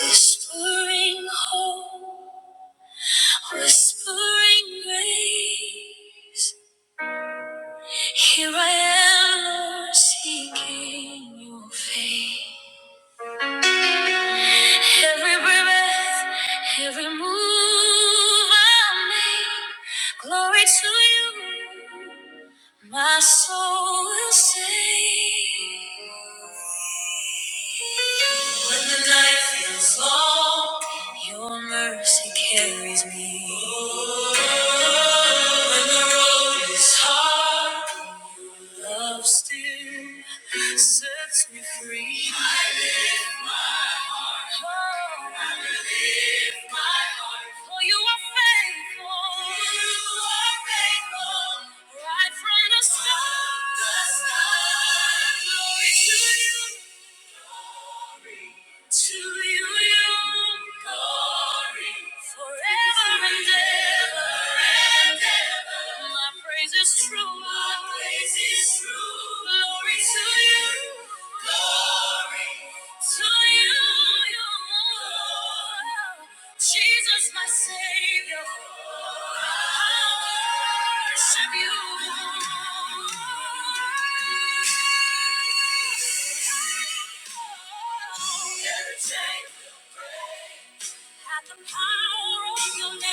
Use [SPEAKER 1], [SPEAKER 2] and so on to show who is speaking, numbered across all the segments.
[SPEAKER 1] Whispering hope, whispering grace. Here I am, Lord, seeking your face. Every breath, every move I make, glory to you. My soul will sing. When the night feels long, your mercy carries me. When the road is hard, your Love still sets me free. I lift my heart. Oh, I lift my heart. For you are faithful. You are faithful. Right from the start. From the start. Glory to you. To you, glory, forever and ever, and ever. My praise is true. My praise is true. Glory to you. Glory to you. Jesus, my Savior, I worship you. Never change. At the power of your name,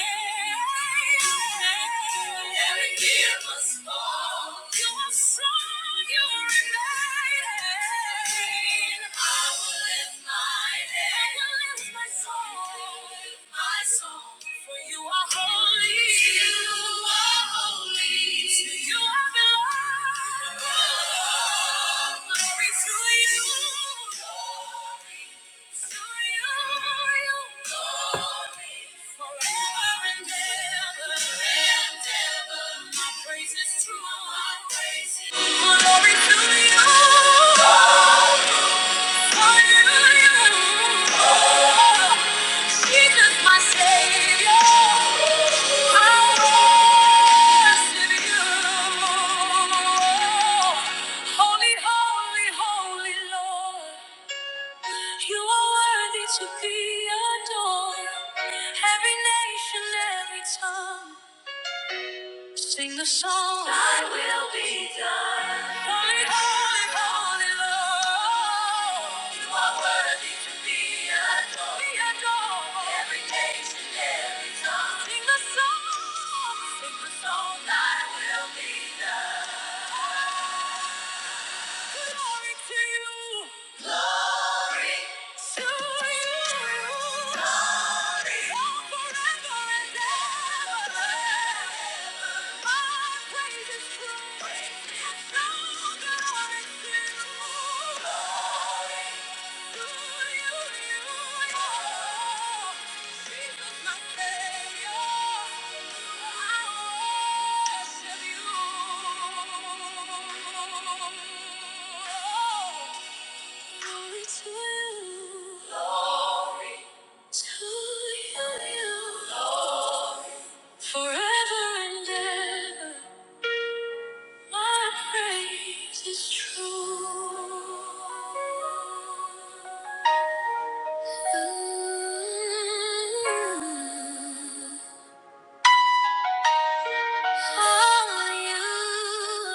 [SPEAKER 1] every tear must fall. You are strong, you remain. I will lift my head. I will lift my soul, my soul. For you are holy. You are holy. To you I belong. Glory to you. glory. Glory to you. Jesus, my Savior, I worship you. Holy, holy, holy Lord. You are worthy to be adored. Every nation, every tongue, sing the song. Thy will be done. Holy, holy, holy Lord. You are worthy to be adored. Be adored. Every nation, every tongue, sing the song. Sing the song. Thy will be done. Glory to you. Glory to you. Glory. Oh, forever and ever. My praise is true. Praise. Oh, glory to you. Glory. Glory to you. Glory to you. Glory. Forever and ever, my praise is true. To only you, Lord. Only you,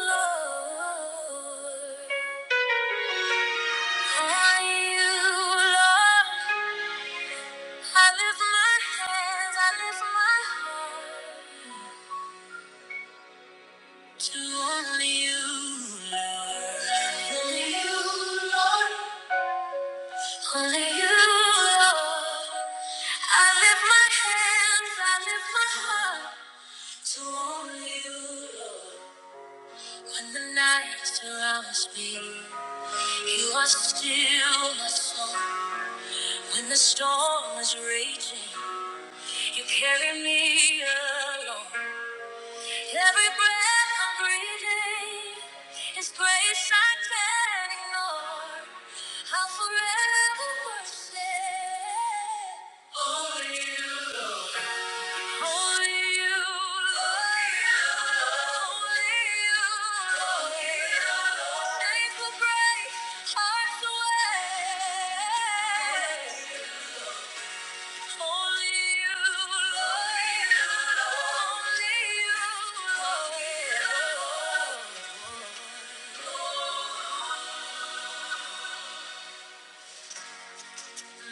[SPEAKER 1] Lord. Only you, Lord. I lift my hands, I lift my heart to only you, Lord. When the night surrounds me, you are still my soul. When the storm is raging, you carry me along. Every breath I'm breathing is grace I can't ignore. I'll forever worship. Only you. Thank you.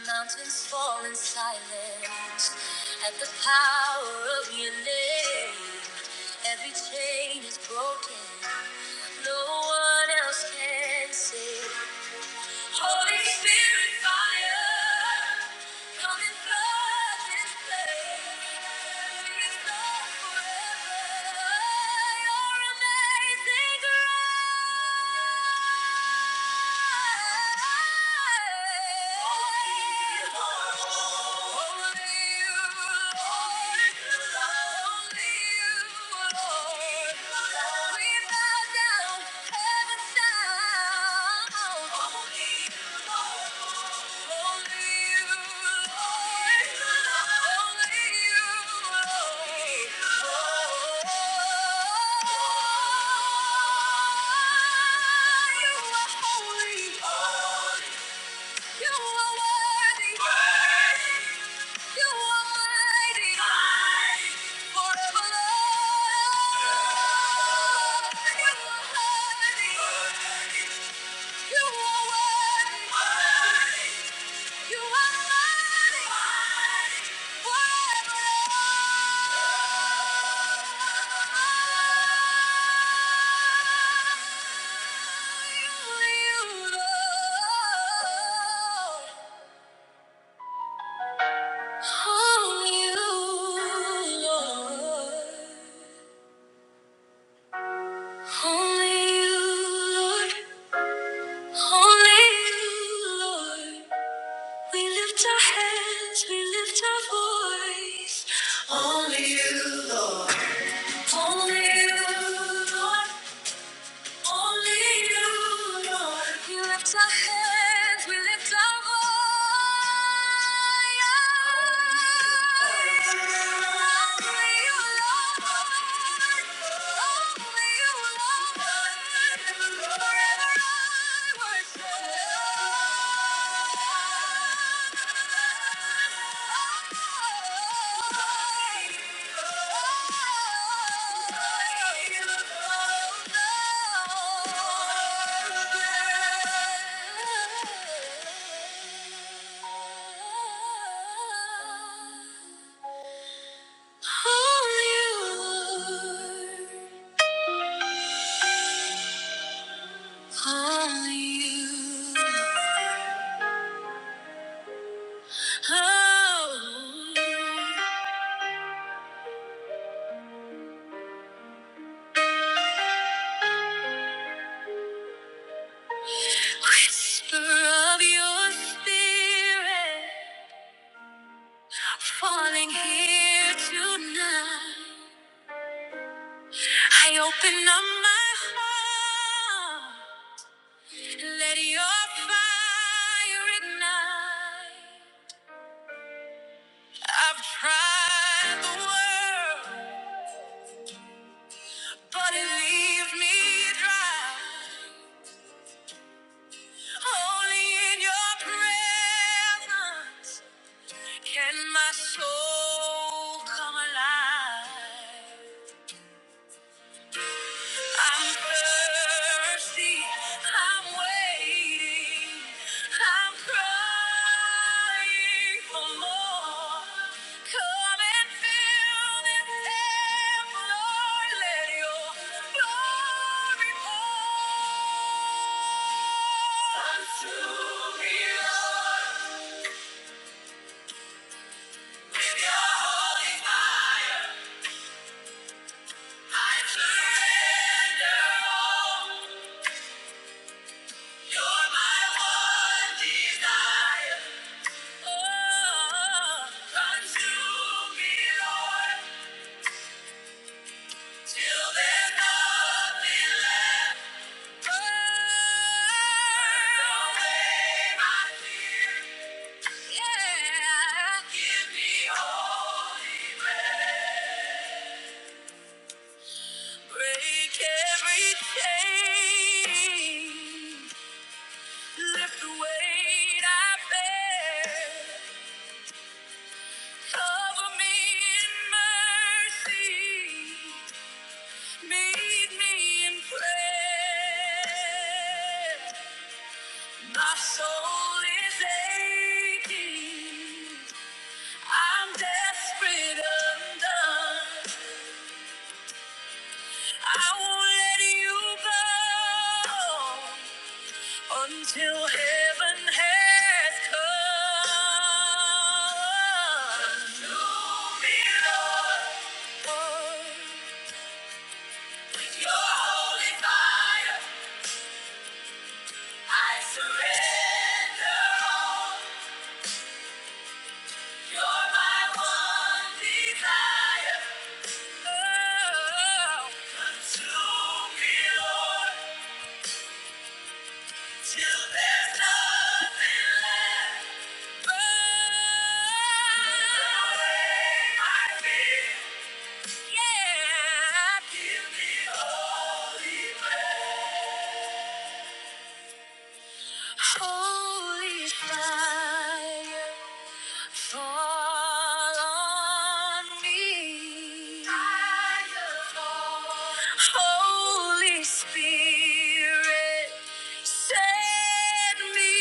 [SPEAKER 1] Mountains fall in silence at the power of your name. Every chain is broken. No one else can save. Holy Spirit, fire, come and flood this place. We will forever. Your amazing grace. You, are Holy. You are worthy. You are mighty. Mighty. Forever Lord. You are worthy. Worthy. You are worthy. You are mighty. Mighty. Forever Lord. Only you, Lord. Only you, Lord. Only you, Lord. Only you, Lord. We lift our hands, we lift our voice. Only you, Lord. Only you, Lord. Only you, Lord. We lift our hands, we lift our voice. Only you, Lord. Only you, Lord. Forever I worship. Only you. oh. Whisper of your spirit falling here tonight. I open up my heart, let your fire ignite. I've tried the world, but it leaves me dry. Only in your presence can my soul come alive. I'm thirsty. I'm waiting. I'm crying for more. Come and fill this cup, Lord. Let Your glory pour. Consume me, Lord, with Your holy fire. I surrender all. You're my one desire. Oh, consume me, Lord, till there's nothing left. Burn away my fear. Yeah. Give me holy Break every chain. Lift the weight I bear. Cover me in mercy. Meet me in prayer. My soul is aching. I'm desperate undone. I won't let you go until heaven has come. Consume me, Lord. Your holy fire, I surrender all. You're my one desire. Oh, consume me, Lord, till there's nothing left. Burn away my fear. Yeah. Give me holy fire. Holy fire, fall on me. Fire, fall. Holy Spirit, set me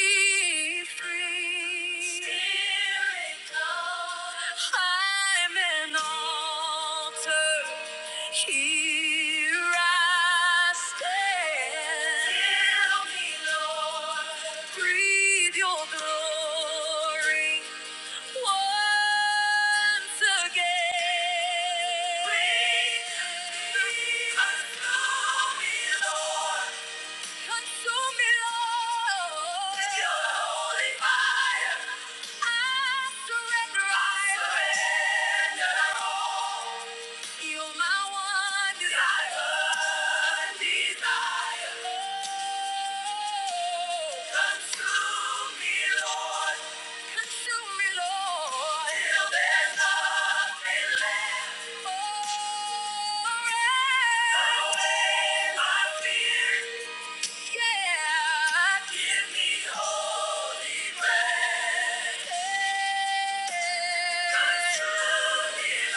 [SPEAKER 1] free. Spirit, come. I'm an altar. Here I stand. Fire! I surrender all. You're my one desire. Desire. Oh, consume me, Lord. Consume me, Lord. Till there's nothing left. Oh, burn away my fears. Yeah. Give me holy grace. Consume me,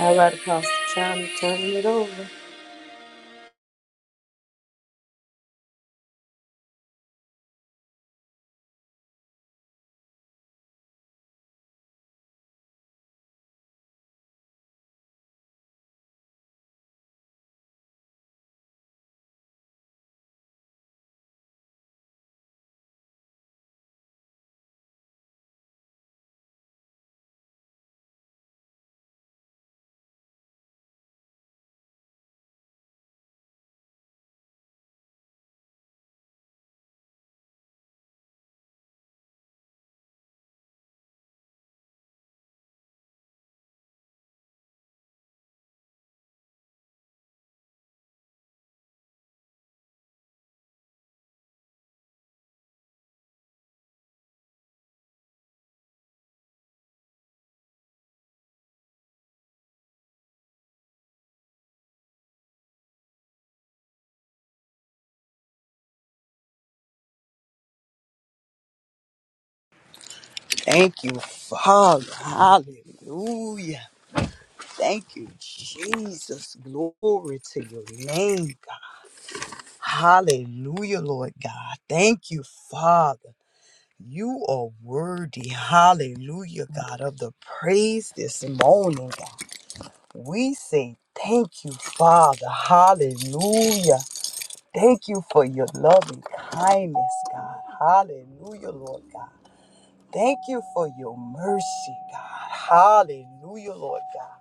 [SPEAKER 1] all right, Apostle time to turn it over.
[SPEAKER 2] Thank you, Father. Hallelujah. Thank you, Jesus. Glory to your name, God. Hallelujah, Lord God. Thank you, Father. You are worthy, hallelujah, God, of the praise this morning, God. We say thank you, Father. Hallelujah. Thank you for your loving kindness, God. Hallelujah, Lord God. Thank you for your mercy, God. Hallelujah, Lord God.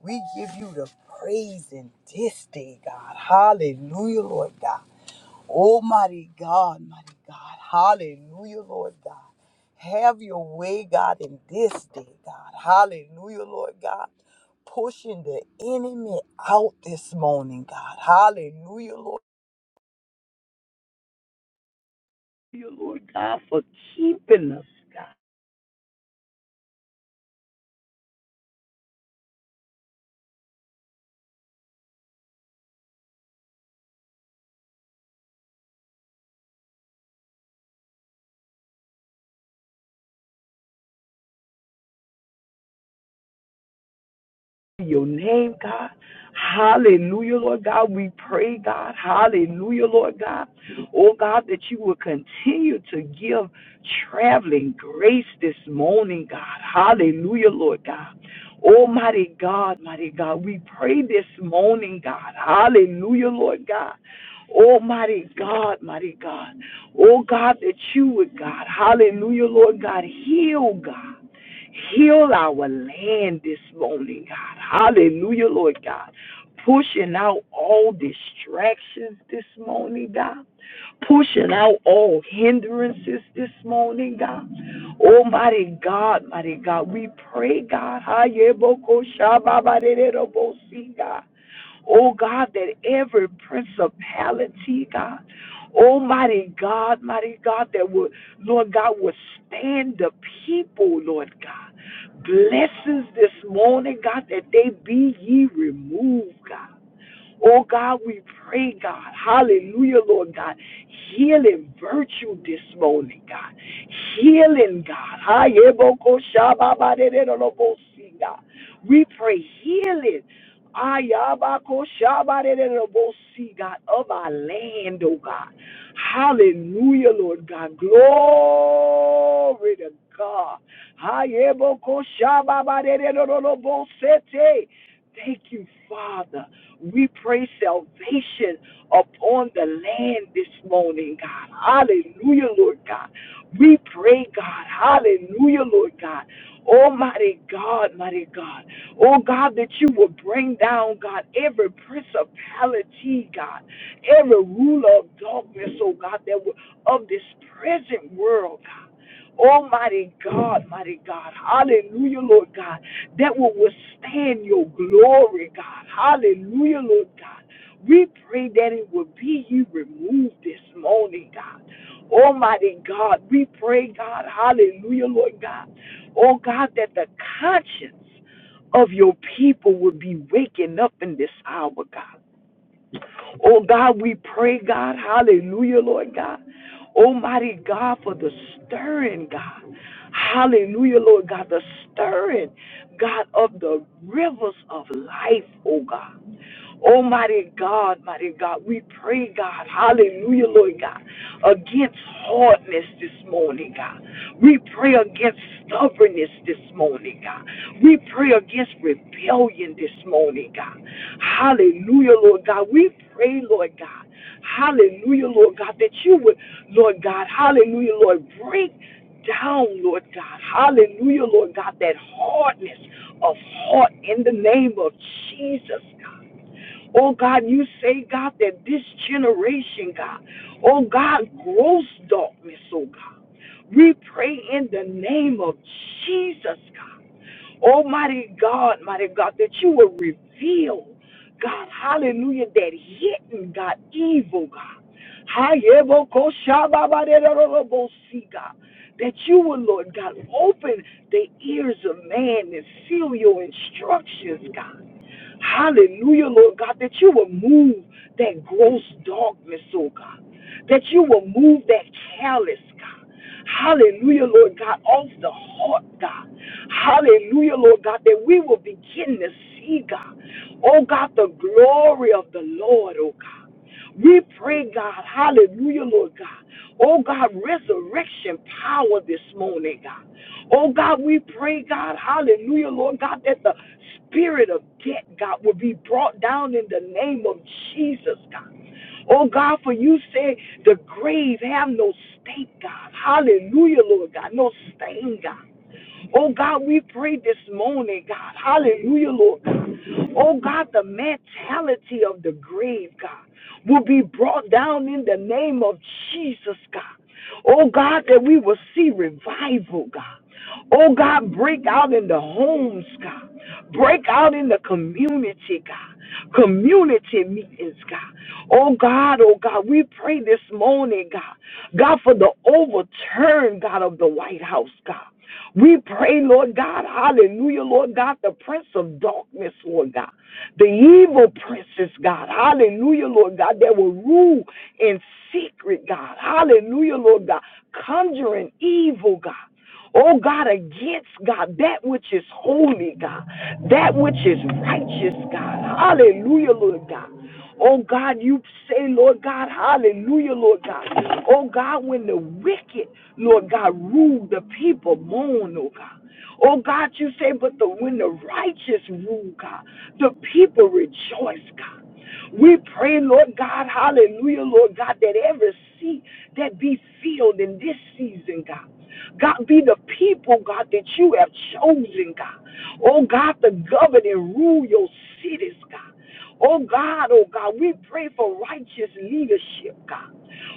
[SPEAKER 2] We give you the praise in this day, God. Hallelujah, Lord God. Almighty God, mighty God. Hallelujah, Lord God. Have your way, God, in this day, God. Hallelujah, Lord God. Pushing the enemy out this morning, God. Hallelujah, Lord. Hallelujah, Lord God, for keeping us, God. your name, God. Hallelujah, Lord God. We pray, God. Hallelujah, Lord God. Oh, God, that you will continue to give traveling grace this morning, God. Hallelujah, Lord God. Almighty God, mighty God, we pray this morning, God. Hallelujah, Lord God. Almighty God, mighty God. Oh, God, that you would, God. Hallelujah, Lord God. Heal, God. Heal our land this morning, God. Hallelujah, Lord God. Pushing out all distractions this morning, God. Pushing out all hindrances this morning, God. Almighty God, mighty God, we pray, God. God. Oh God, that every principality, God, Almighty God, mighty God, that would, Lord God, would stand the people, Lord God. Blessings this morning, God, that they be ye removed, God. Oh God, we pray, God. Hallelujah, Lord God. Healing virtue this morning, God. Healing, God. We pray healing. Ayabakoshabadererolobosi, God of our land, oh God. Hallelujah, Lord God. Glory to God. Ayebokoshababadererolobosete. Thank you, Father. We pray salvation upon the land this morning, God. Hallelujah, Lord God. We pray, God. Hallelujah, Lord God. Almighty God, mighty God. Oh God, that you will bring down, God, every principality, God, every ruler of darkness, oh God, that will, of this present world, God. Almighty God, mighty God, hallelujah, Lord God, that will withstand your glory, God, hallelujah, Lord God. We pray that it will be you removed this morning, God. Almighty God, we pray, God, hallelujah, Lord God. Oh God, that the conscience of your people will be waking up in this hour, God. Oh God, we pray, God, hallelujah, Lord God. Almighty God, for the stirring, God. Hallelujah, Lord God, the stirring, God, of the rivers of life, oh God. Oh mighty God, mighty God, we pray, God, hallelujah, Lord God, against hardness this morning, God. We pray against stubbornness this morning, God. We pray against rebellion this morning, God. Hallelujah, Lord God. We pray, Lord God, hallelujah, Lord God, that you would, Lord God, hallelujah, Lord, break down, Lord God. Hallelujah, Lord God, that hardness of heart in the name of Jesus, God. Oh God, you say, God, that this generation, God, oh God, gross darkness, oh God. We pray in the name of Jesus, God. Almighty God, mighty God, that you will reveal, God, hallelujah, that hidden, God, evil, God. Hayebokoshababaderorobosi, God. That you will, Lord God, open the ears of man and seal your instructions, God. Hallelujah, Lord God, that you will move that gross darkness, oh God. That you will move that callous, God. Hallelujah, Lord God, off the heart, God. Hallelujah, Lord God, that we will begin to see, God. Oh God, the glory of the Lord, oh God. We pray, God, hallelujah, Lord God. Oh God, resurrection power this morning, God. Oh God, we pray, God, hallelujah, Lord God, that the spirit of death, God, will be brought down in the name of Jesus, God. Oh God, for you said the grave have no stake, God. Hallelujah, Lord God, no stain, God. Oh God, we pray this morning, God. Hallelujah, Lord God. Oh God, the mentality of the grave, God, will be brought down in the name of Jesus, God. Oh God, that we will see revival, God. Oh God, break out in the homes, God. Break out in the community, God. Community meetings, God. Oh God, oh God, we pray this morning, God. God, for the overturn, God, of the White House, God. We pray, Lord God, hallelujah, Lord God, the prince of darkness, Lord God, the evil princess, God, hallelujah, Lord God, that will rule in secret, God, hallelujah, Lord God, conjuring evil, God. Oh God, against God, that which is holy, God, that which is righteous, God, hallelujah, Lord God. Oh God, you say, Lord God, hallelujah, Lord God. Oh God, when the wicked, Lord God, rule, the people mourn, oh God. Oh God, you say, but the when the righteous rule, God, the people rejoice, God. We pray, Lord God, hallelujah, Lord God, that every seat that be filled in this season, God. God, be the people, God, that you have chosen, God. Oh, God, to govern and rule your cities, God. Oh God, oh God, we pray for righteous leadership, God.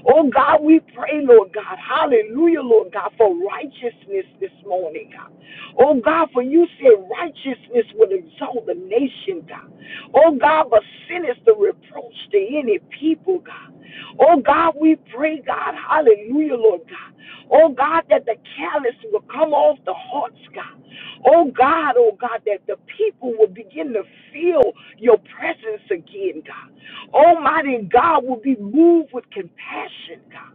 [SPEAKER 2] Oh God, we pray, Lord God, hallelujah, Lord God, for righteousness this morning, God. Oh God, for you said righteousness would exalt the nation, God. Oh God, but sin is the reproach to any people, God. Oh God, we pray, God, hallelujah, Lord God. Oh God, God, that the callous will come off the hearts, God. Oh God, oh God, that the people will begin to feel your presence again, God. Almighty God will be moved with compassion, God.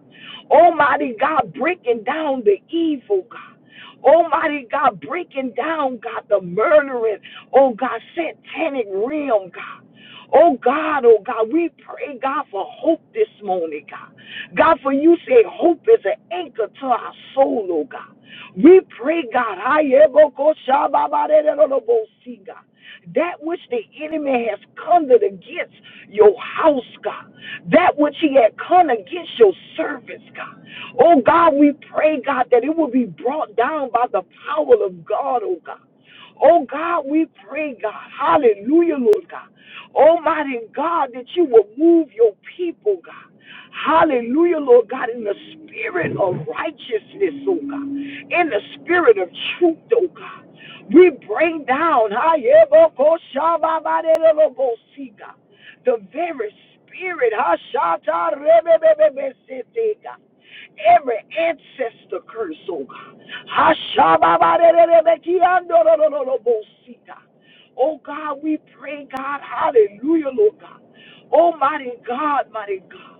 [SPEAKER 2] Almighty God, breaking down the evil, God. Almighty God, breaking down, God, the murdering, oh God, satanic realm, God. Oh God, oh God, we pray, God, for hope this morning, God. God, for you say hope is an anchor to our soul, oh God. We pray, God, I see, That which the enemy has conjured against your house, God. That which he had come against your servants, God. Oh God, we pray, God, that it will be brought down by the power of God, oh God. Oh God, we pray, God. Hallelujah, Lord God. Almighty God, that you will move your people, God. Hallelujah, Lord God, in the spirit of righteousness, oh God. In the spirit of truth, oh God. We bring down Hayebokoshababadelobosika, the very spirit Hashatarabebebebesiteka, every ancestor curse, oh God. Oh God, we pray, God, hallelujah, Lord God. Almighty God, mighty God.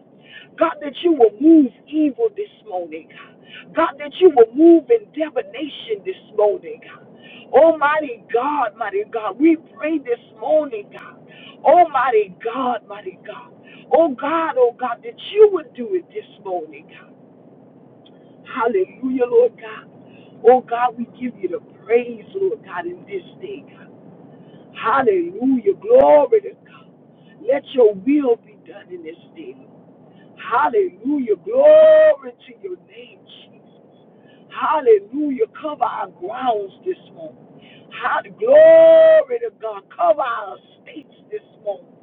[SPEAKER 2] God, that you will move evil this morning, God. God, that you will move in divination this morning, God. Almighty God, mighty God, we pray this morning, God. Almighty God, mighty God. Oh God, oh God, that you would do it this morning. God. Hallelujah, Lord God. Oh God, we give you the praise, Lord God, in this day. Hallelujah. Glory to God. Let your will be done in this day. Hallelujah. Glory to your name, Jesus. Hallelujah. Cover our grounds this morning. Hall- Glory to God. Cover our estates this morning.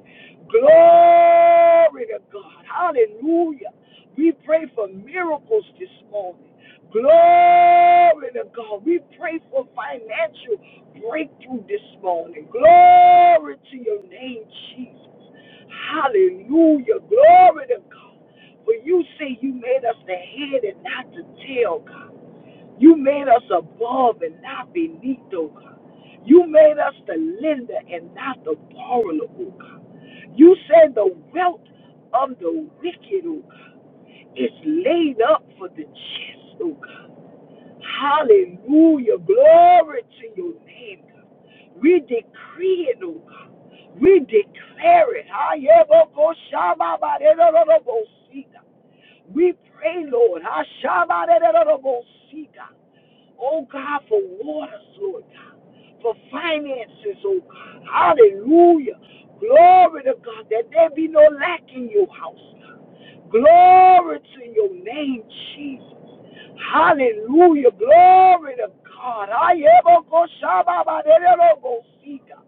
[SPEAKER 2] Glory to God. Hallelujah. We pray for miracles this morning. Glory to God. We pray for financial breakthrough this morning. Glory to your name, Jesus. Hallelujah. Glory to God. For you say you made us the head and not the tail, God. You made us above and not beneath, oh God. You made us the lender and not the borrower, oh God. You said the wealth of the wicked, oh God, is laid up for the just, oh God. Hallelujah. Glory to your name, God. We decree it, oh God. We declare it. Hayebokoshababaderorobosika. We pray, Lord. Hashabaderorobosika. Oh God, for waters, Lord God, for finances, oh God. Hallelujah. Glory to God, that there be no lack in your house. God. Glory to your name, Jesus. Hallelujah. Glory to God. I ever go shababa de de go see, God.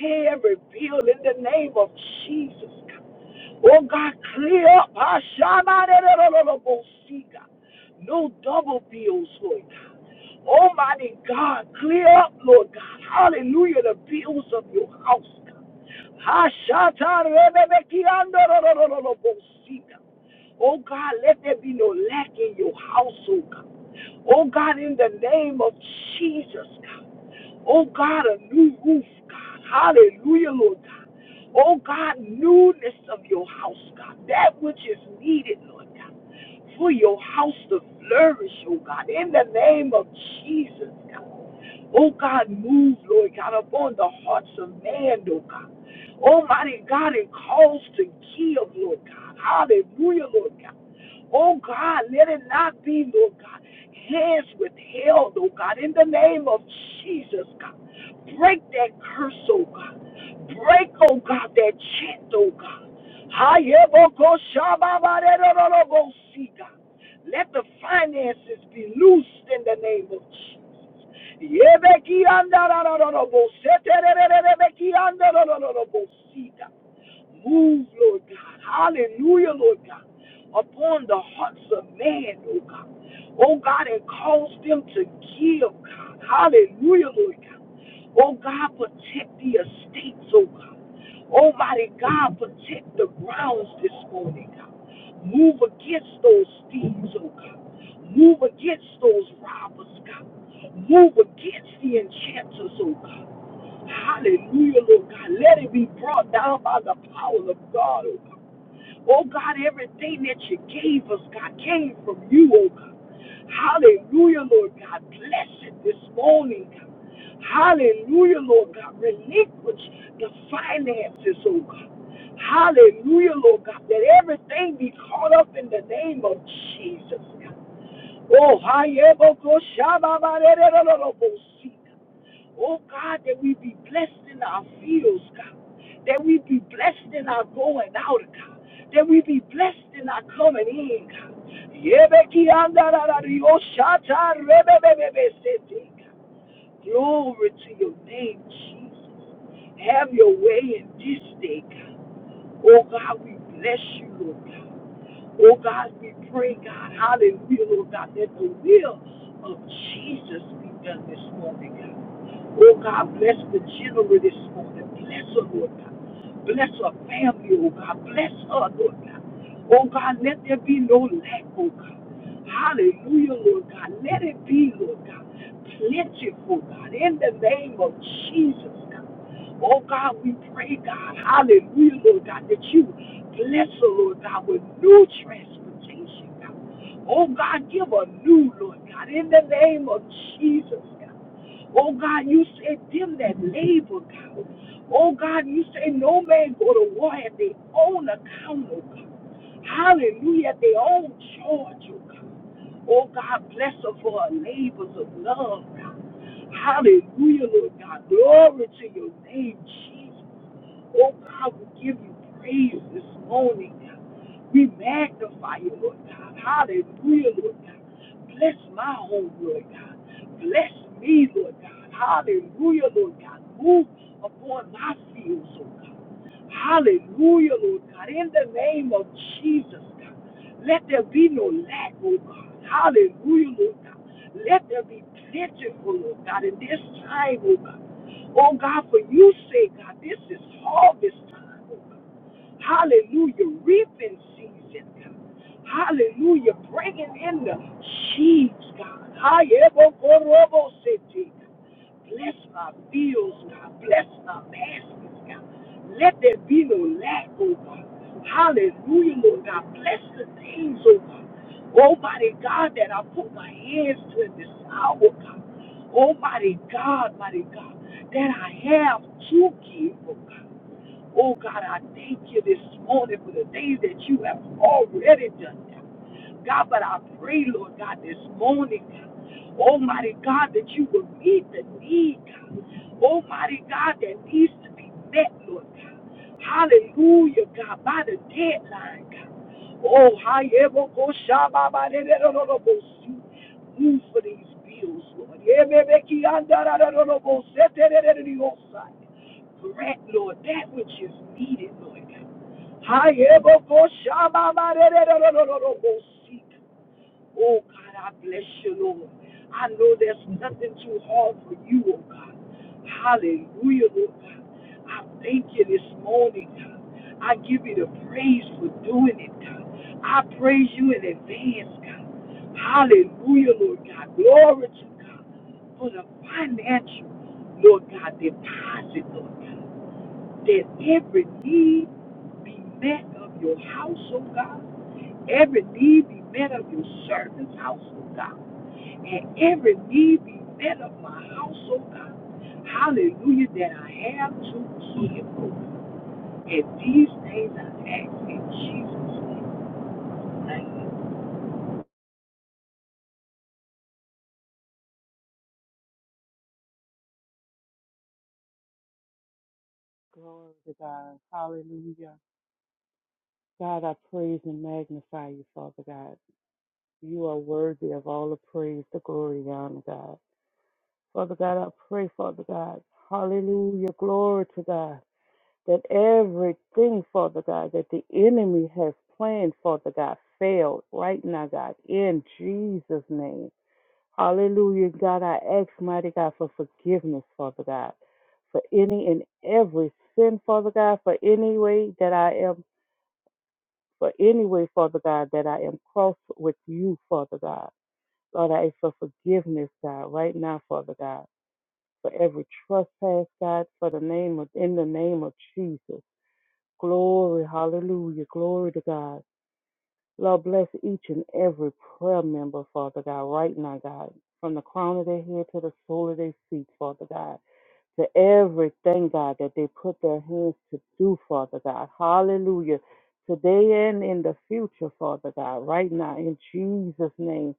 [SPEAKER 2] Pay every bill in the name of Jesus. God. Oh God, clear up. Ah, shama de de go see, God. No double bills, Lord. God. Almighty God, clear up, Lord God. Hallelujah, the bills of your house. hashatarebe Oh God, let there be no lack in your house, household, God. Oh God, in the name of Jesus, God. Oh God, a new roof, God. Hallelujah, Lord God. Oh God, newness of your house, God. That which is needed, Lord God for your house to flourish, oh God, in the name of Jesus, God. Oh God, move, Lord God, upon the hearts of man, oh God. Almighty God, it calls to give, Lord God. Hallelujah, Lord God. Oh God, let it not be, Lord God, hands withheld, oh God, in the name of Jesus, God. Break that curse, oh God. Break, oh God, that chant, oh God. Let the finances be loosed in the name of Jesus. Move, Lord God. Hallelujah, Lord God. Upon the hearts of man, oh God. Oh God, and cause them to give, God. Hallelujah, Lord God. Oh God, protect the estates, oh God. Almighty God, protect the grounds this morning, God. Move against those thieves, oh God. Move against those robbers, God. Move against the enchanters, oh God. Hallelujah, Lord God. Let it be brought down by the power of God, oh God. Oh God, everything that you gave us, God, came from you, oh God. Hallelujah, Lord God. Bless it this morning, God. Hallelujah, Lord God. Relinquish the finances, oh God. Hallelujah, Lord God. That everything be caught up in the name of Jesus, God. Oh, hi, Ebo, Ko, Shaba, Ba, Re, Re, Re, Re, Re, Bo, Si. Oh God, that we be blessed in our fields, God. That we be blessed in our going out, God. That we be blessed in our coming in, God. Yebeki andarara rioshata rebebebebesete, God. Glory to your name, Jesus. Have your way in this day, God. Oh God, we bless you, Lord God. Oh God, we pray, God, hallelujah, Lord God, that the will of Jesus be done this morning, God. Oh God, bless the general this morning. Bless her, Lord God. Bless her family, oh God. Bless her, Lord God. Oh God, let there be no lack, oh God. Hallelujah, Lord God. Let it be, Lord God. Plentiful, God. In the name of Jesus, God. Oh God, we pray, God. Hallelujah, Lord God, that you bless her, Lord God, with new transportation. God. Oh God, give a new, Lord God, in the name of Jesus, God. Oh God, you said them that labor, God. Oh God, you say no man go to war at their own account, oh God. Hallelujah. Their own children. Oh God, bless her for her labors of love, God. Hallelujah, Lord God. Glory to your name, Jesus. Oh God, we give you praise this morning, God. We magnify you, Lord God. Hallelujah, Lord God. Bless my home, Lord God. Bless me, Lord God. Hallelujah, Lord God. Move upon my fields, oh God. Hallelujah, Lord God. In the name of Jesus, God. Let there be no lack, Lord God. Hallelujah, Lord God. Let there be plentiful, Lord God, in this time, Lord God. Oh God, for you say, God, this is harvest time. Lord God. Hallelujah. Reaping season, God. Hallelujah. Bringing in the sheaves, God. Hayebokorobo city. Bless my fields, God. Bless my baskets, God. Let there be no lack, oh God. Hallelujah, Lord God. Bless the things, oh God. Almighty God, that I put my hands to in this hour, God. Almighty God, mighty God, that I have to give, oh God. Oh God, I thank you this morning for the things that you have already done. God, God, but I pray, Lord God, this morning, God, Almighty God, that you will meet the need, God. Almighty God, that needs to be met, Lord God. Hallelujah, God, by the deadline, God. Oh, Hayebo Koshababa Dedorobosi. Move for these bills, Lord. Yebebeki Andarararobose Tederediosai. Grant, Lord, that which is needed, Lord God. Hayebo Koshababa Dedorobosi. Oh God, I bless you, Lord. I know there's nothing too hard for you, oh God. Hallelujah, Lord God. I thank you this morning, God. I give you the praise for doing it, God. I praise you in advance, God. Hallelujah, Lord God. Glory to God for the financial, Lord God, deposit, Lord God that every need be met of your house, oh God. Every need be met of your servant's house, oh God. And every need be met of my house, oh God. Hallelujah, that I have to give. And these things I ask in Jesus' name. Amen.
[SPEAKER 3] Glory to God. Hallelujah. God, I praise and magnify you, Father God. You are worthy of all the praise, the glory, the honor, God. Father God, I pray, Father God. Hallelujah. Glory to God. That everything, Father God, that the enemy has planned, Father God, failed right now, God, in Jesus' name. Hallelujah. God, I ask, mighty God, for forgiveness, Father God for any and every sin, Father God, for any way that I am. for any way, Father God, that I am cross with you, Father God. Lord, I ask for forgiveness, God, right now, Father God, for every trespass, God, for the name of in the name of Jesus. Glory, hallelujah, glory to God. Lord, bless each and every prayer member, Father God, right now, God, from the crown of their head to the sole of their feet, Father God to everything, God, that they put their hands to do, Father God. Hallelujah. Today and in the future, Father God, right now, in Jesus' name.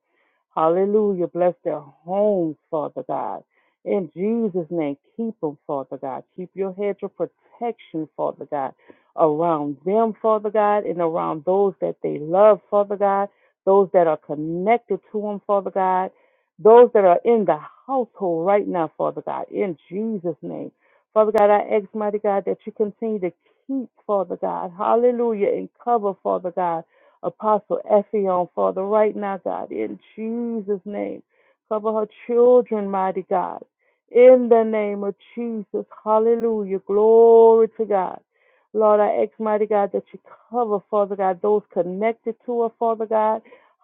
[SPEAKER 3] Hallelujah. Bless their homes, Father God. In Jesus' name, keep them, Father God. Keep your hedge of protection, Father God, around them, Father God, and around those that they love, Father God, those that are connected to them, Father God, those that are in the household right now, Father God, in Jesus' name. Father God, I ask, mighty God, that you continue to keep, Father God, hallelujah, and cover, Father God. Apostle Effion, Father, right now, God, in Jesus' name. Cover her children, mighty God. In the name of Jesus. Hallelujah. Glory to God. Lord, I ask, mighty God, that you cover, Father God, those connected to her, Father God.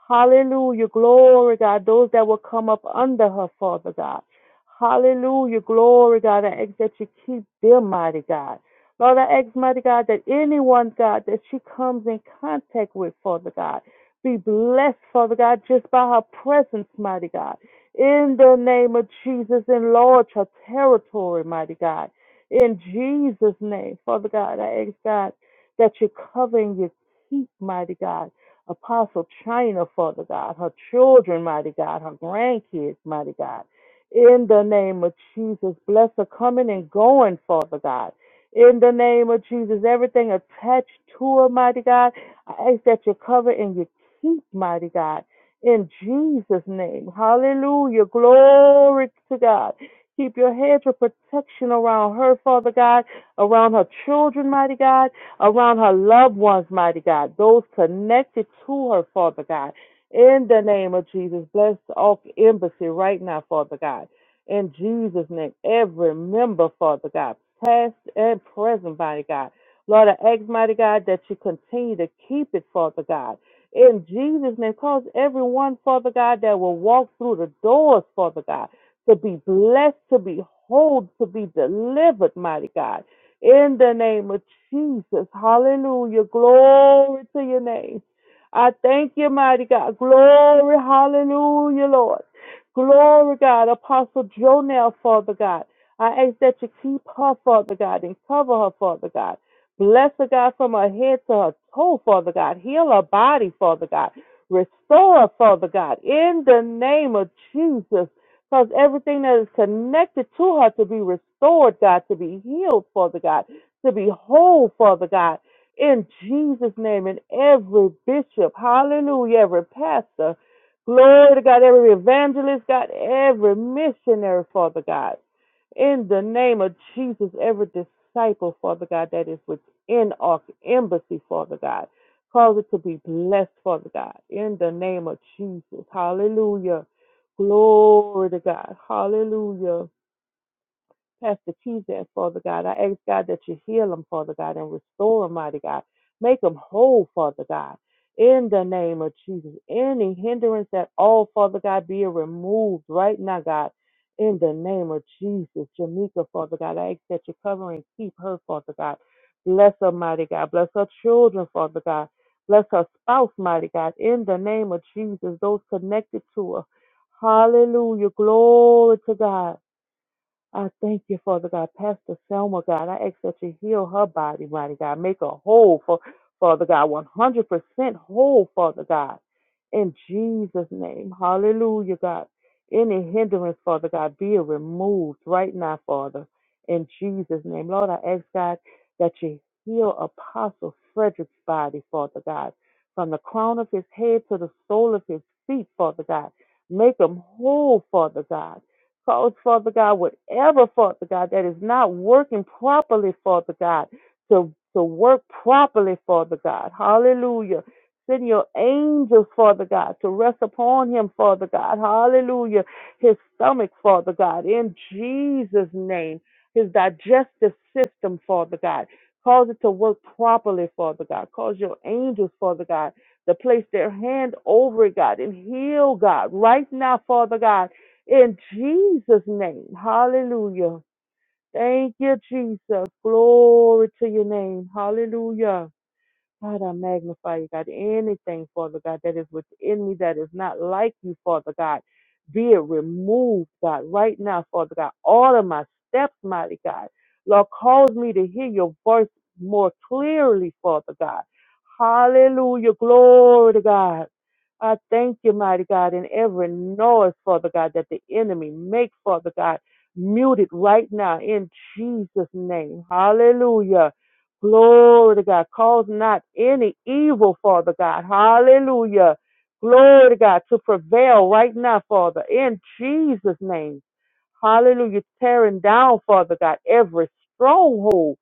[SPEAKER 3] Hallelujah. Glory, God. Those that will come up under her, Father God. Hallelujah. Glory, God. I ask that you keep them, mighty God. Lord, I ask, mighty God, that anyone, God, that she comes in contact with, Father God, be blessed, Father God, just by her presence, mighty God. In the name of Jesus, enlarge her territory, mighty God. In Jesus' name, Father God, I ask, God, that you cover and you keep, mighty God. Apostle China, Father God, her children, mighty God, her grandkids, mighty God. In the name of Jesus, bless her coming and going, Father God. In the name of Jesus, everything attached to it, mighty God, I ask that you cover and you keep, mighty God. In Jesus' name, hallelujah, glory to God. Keep your hedge of protection around her, Father God, around her children, mighty God, around her loved ones, mighty God, those connected to her, Father God. In the name of Jesus, bless all embassy right now, Father God. In Jesus' name, every member, Father God, past and present, mighty God. Lord, I ask, mighty God, that you continue to keep it, Father God. In Jesus' name, cause everyone, Father God, that will walk through the doors, Father God, to be blessed, to be whole, to be delivered, mighty God. In the name of Jesus, hallelujah. Glory to your name. I thank you, mighty God. Glory, hallelujah, Lord. Glory, God. Apostle Jonell, Father God. I ask that you keep her, Father God, and cover her, Father God. Bless her, God, from her head to her toe, Father God. Heal her body, Father God. Restore her, Father God, in the name of Jesus. Cause everything that is connected to her to be restored, God, to be healed, Father God, to be whole, Father God, in Jesus' name. And every bishop, hallelujah, every pastor, Glory to God, every evangelist, God, every missionary, Father God. In the name of Jesus, every disciple, Father God, that is within our embassy, Father God. Cause it to be blessed, Father God. In the name of Jesus. Hallelujah. Glory to God. Hallelujah. Pastor Keyzat, Father God. I ask God that you heal them, Father God, and restore them, mighty God. Make them whole, Father God. In the name of Jesus. Any hindrance at all, Father God, be removed right now, God. In the name of Jesus. Jamaica, Father God. I ask that you cover and keep her, Father God. Bless her, mighty God. Bless her children, Father God. Bless her spouse, mighty God. In the name of Jesus. Those connected to her. Hallelujah. Glory to God. I thank you, Father God. Pastor Selma, God, I ask that you heal her body, mighty God. Make her whole, for, Father God, 100% whole, Father God. In Jesus' name. Hallelujah, God. Any hindrance, Father God, be it removed right now, Father. In Jesus' name. Lord, I ask, God, that you heal Apostle Frederick's body, Father God, from the crown of his head to the sole of his feet, Father God. Make him whole, Father God cause, Father God, whatever, Father God, that is not working properly, Father God, to, to work properly, Father God. Hallelujah. Send your angels, Father God, to rest upon him, Father God. Hallelujah. His stomach, Father God, in Jesus' name. His digestive system, Father God. Cause it to work properly, Father God. Cause your angels, Father God, to place their hand over it, God, and heal, God, right now, Father God in Jesus' name. Hallelujah. Thank you, Jesus. Glory to your name. Hallelujah. God, I magnify you, God. Anything, Father God, that is within me that is not like you, Father God, be it removed, God, right now, Father God. All of my steps, mighty God. Lord, cause me to hear your voice more clearly, Father God. Hallelujah. Glory to God. I thank you, mighty God, in every noise, Father God, that the enemy makes, Father God, mute it right now in Jesus' name. Hallelujah. Glory to God. Cause not any evil, Father God. Hallelujah. Glory to God to prevail right now, Father, in Jesus' name. Hallelujah. Tearing down, Father God, every stronghold.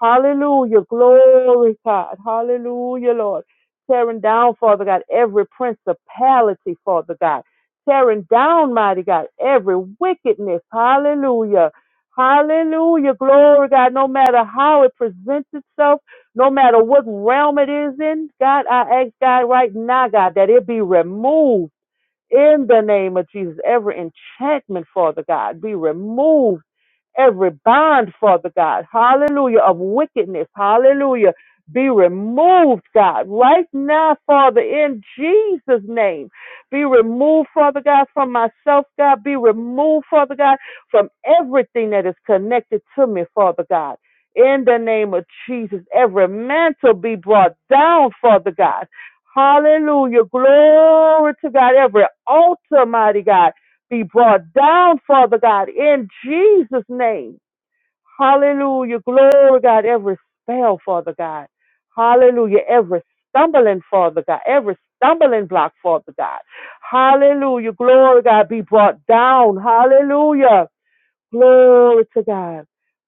[SPEAKER 3] Hallelujah. Glory, God. Hallelujah, Lord. Tearing down, Father God, every principality, Father God. Tearing down, mighty God, every wickedness. Hallelujah. Hallelujah. Glory, God. No matter how it presents itself, no matter what realm it is in, God, I ask God right now, God, that it be removed in the name of Jesus. Every enchantment, Father God, be removed Every bond, Father God, hallelujah, of wickedness, hallelujah, be removed, God, right now, Father, in Jesus' name. Be removed, Father God, from myself, God. Be removed, Father God, from everything that is connected to me, Father God. In the name of Jesus, every mantle be brought down, Father God. Hallelujah. Glory to God. Every altar, mighty God be brought down, Father God, in Jesus' name. Hallelujah. Glory, God. Every spell, Father God. Hallelujah. Every stumbling, Father God. Every stumbling block, Father God. Hallelujah. Glory, God. Be brought down. Hallelujah. Glory to God.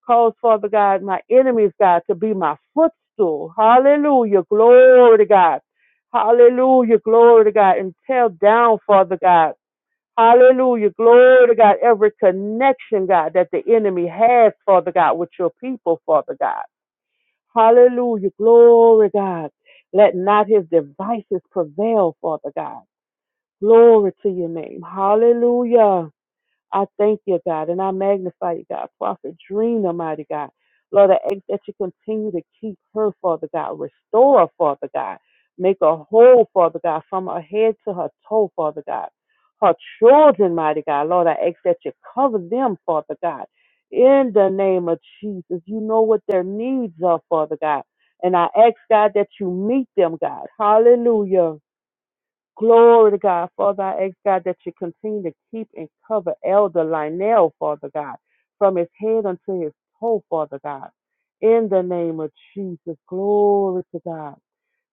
[SPEAKER 3] Cause, Father God, my enemies, God, to be my footstool. Hallelujah. Glory to God. Hallelujah. Glory to God. And tear down, Father God. Hallelujah. Glory to God. Every connection, God, that the enemy has, Father God, with your people, Father God. Hallelujah. Glory, God. Let not his devices prevail, Father God. Glory to your name. Hallelujah. I thank you, God, and I magnify you, God. Prophet Dream, Almighty God. Lord, I ask that you continue to keep her, Father God. Restore her, Father God. Make her whole, Father God, from her head to her toe, Father God. Her children, mighty God. Lord, I ask that you cover them, Father God. In the name of Jesus, you know what their needs are, Father God. And I ask, God, that you meet them, God. Hallelujah. Glory to God, Father. I ask God that you continue to keep and cover Elder Lionel, Father God, from his head unto his toe, Father God. In the name of Jesus, glory to God.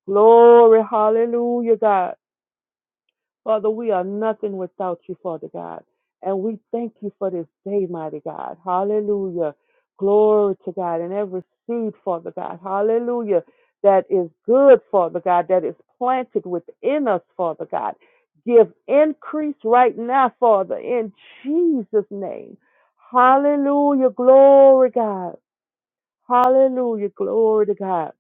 [SPEAKER 3] Glory, hallelujah, God. Father, we are nothing without you, Father God. And we thank you for this day, mighty God. Hallelujah. Glory to God. And every seed, Father God. Hallelujah. That is good, Father God, that is planted within us, Father God. Give increase right now, Father, in Jesus' name. Hallelujah. Glory, God. Hallelujah. Glory to God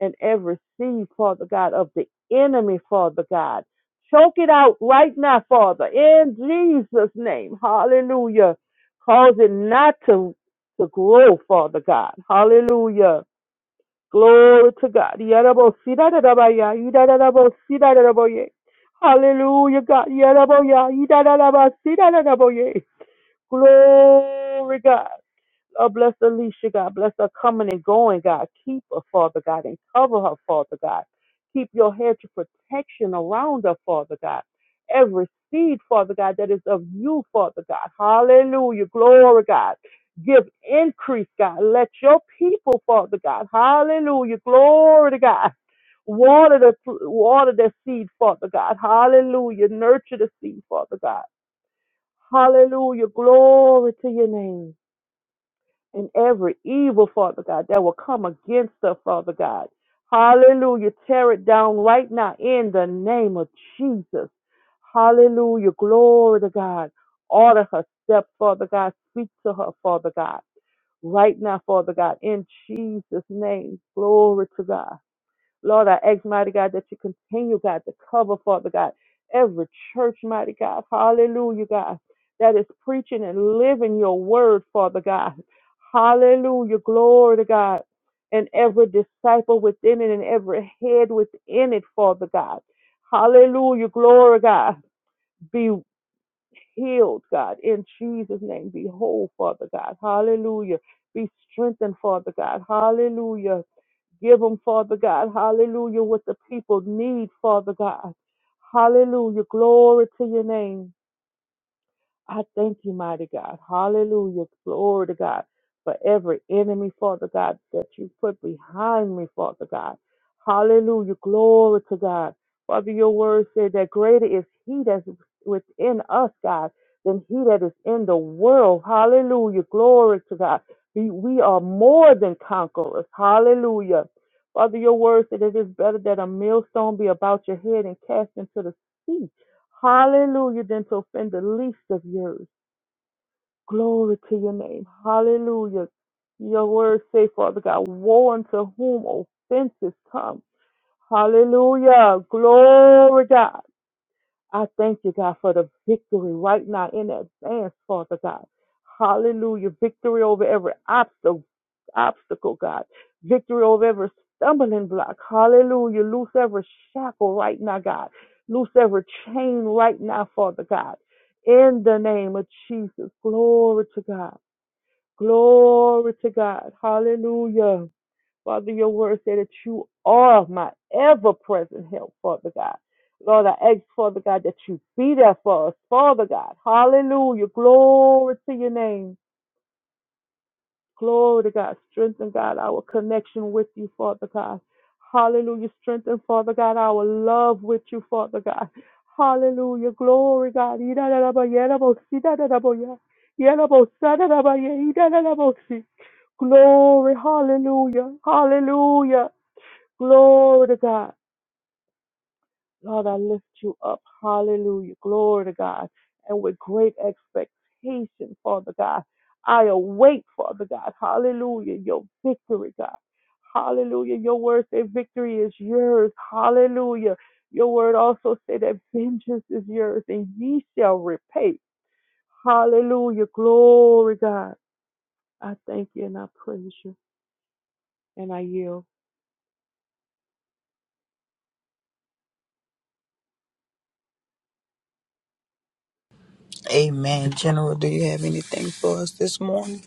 [SPEAKER 3] and every seed, Father God, of the enemy, Father God. Choke it out right now, Father, in Jesus' name. Hallelujah. Cause it not to, to grow, Father God. Hallelujah. Glory to God. Yadabosida-dadabaya, yidadadabosida-dadaboye. Hallelujah, God. Yadaboya, yidadadabasida-dadaboye. Glory, God. Oh, bless Alicia, God. Bless her coming and going, God. Keep her, Father God, and cover her, Father God. Keep your hedge of protection around her, Father God. Every seed, Father God, that is of you, Father God. Hallelujah. Glory, God. Give increase, God. Let your people, Father God. Hallelujah. Glory to God. Water the water the seed, Father God. Hallelujah. Nurture the seed, Father God. Hallelujah. Glory to your name and every evil, Father God, that will come against us, Father God. Hallelujah. Tear it down right now in the name of Jesus. Hallelujah. Glory to God. Order her step, Father God. Speak to her, Father God. Right now, Father God, in Jesus' name. Glory to God. Lord, I ask, mighty God, that you continue, God, to cover, Father God, every church, mighty God. Hallelujah, God, that is preaching and living your word, Father God. Hallelujah, glory to God. And every disciple within it and every head within it, Father God. Hallelujah, glory, God. Be healed, God, in Jesus' name. Be whole, Father God. Hallelujah. Be strengthened, Father God. Hallelujah. Give them, Father God, hallelujah, what the people need, Father God. Hallelujah. Glory to your name. I thank you, mighty God. Hallelujah. Glory to God. For every enemy, Father God, that you put behind me, Father God. Hallelujah. Glory to God. Father, your word said that greater is he that's within us, God, than he that is in the world. Hallelujah. Glory to God. We, we are more than conquerors. Hallelujah. Father, your word said it is better that a millstone be about your head and cast into the sea Hallelujah, than to offend the least of yours. Glory to your name. Hallelujah. Your word say, Father God, woe unto whom offenses come. Hallelujah. Glory God. I thank you, God, for the victory right now in advance, Father God. Hallelujah. Victory over every obstacle, obstacle, God. Victory over every stumbling block. Hallelujah. Loose every shackle right now, God. Loose every chain right now, Father God. In the name of Jesus. Glory to God. Glory to God. Hallelujah. Father, your word said that you are my ever present help, Father God. Lord, I ask, Father God, that you be there for us, Father God. Hallelujah. Glory to your name. Glory to God. Strengthen, God, our connection with you, Father God. Hallelujah. Strengthen, Father God, our love with you, Father God. Hallelujah. Glory, God. Glory. Hallelujah. Hallelujah. Glory to God. Lord, I lift you up. Hallelujah. Glory to God. And with great expectation, Father God, I await, Father God. Hallelujah. Your victory, God. Hallelujah. Your word say victory is yours. Hallelujah. Your word also say that vengeance is yours and ye shall repay. Hallelujah. Glory, God. I thank you and I praise you and I yield.
[SPEAKER 2] Amen. General, do you have anything for us this morning?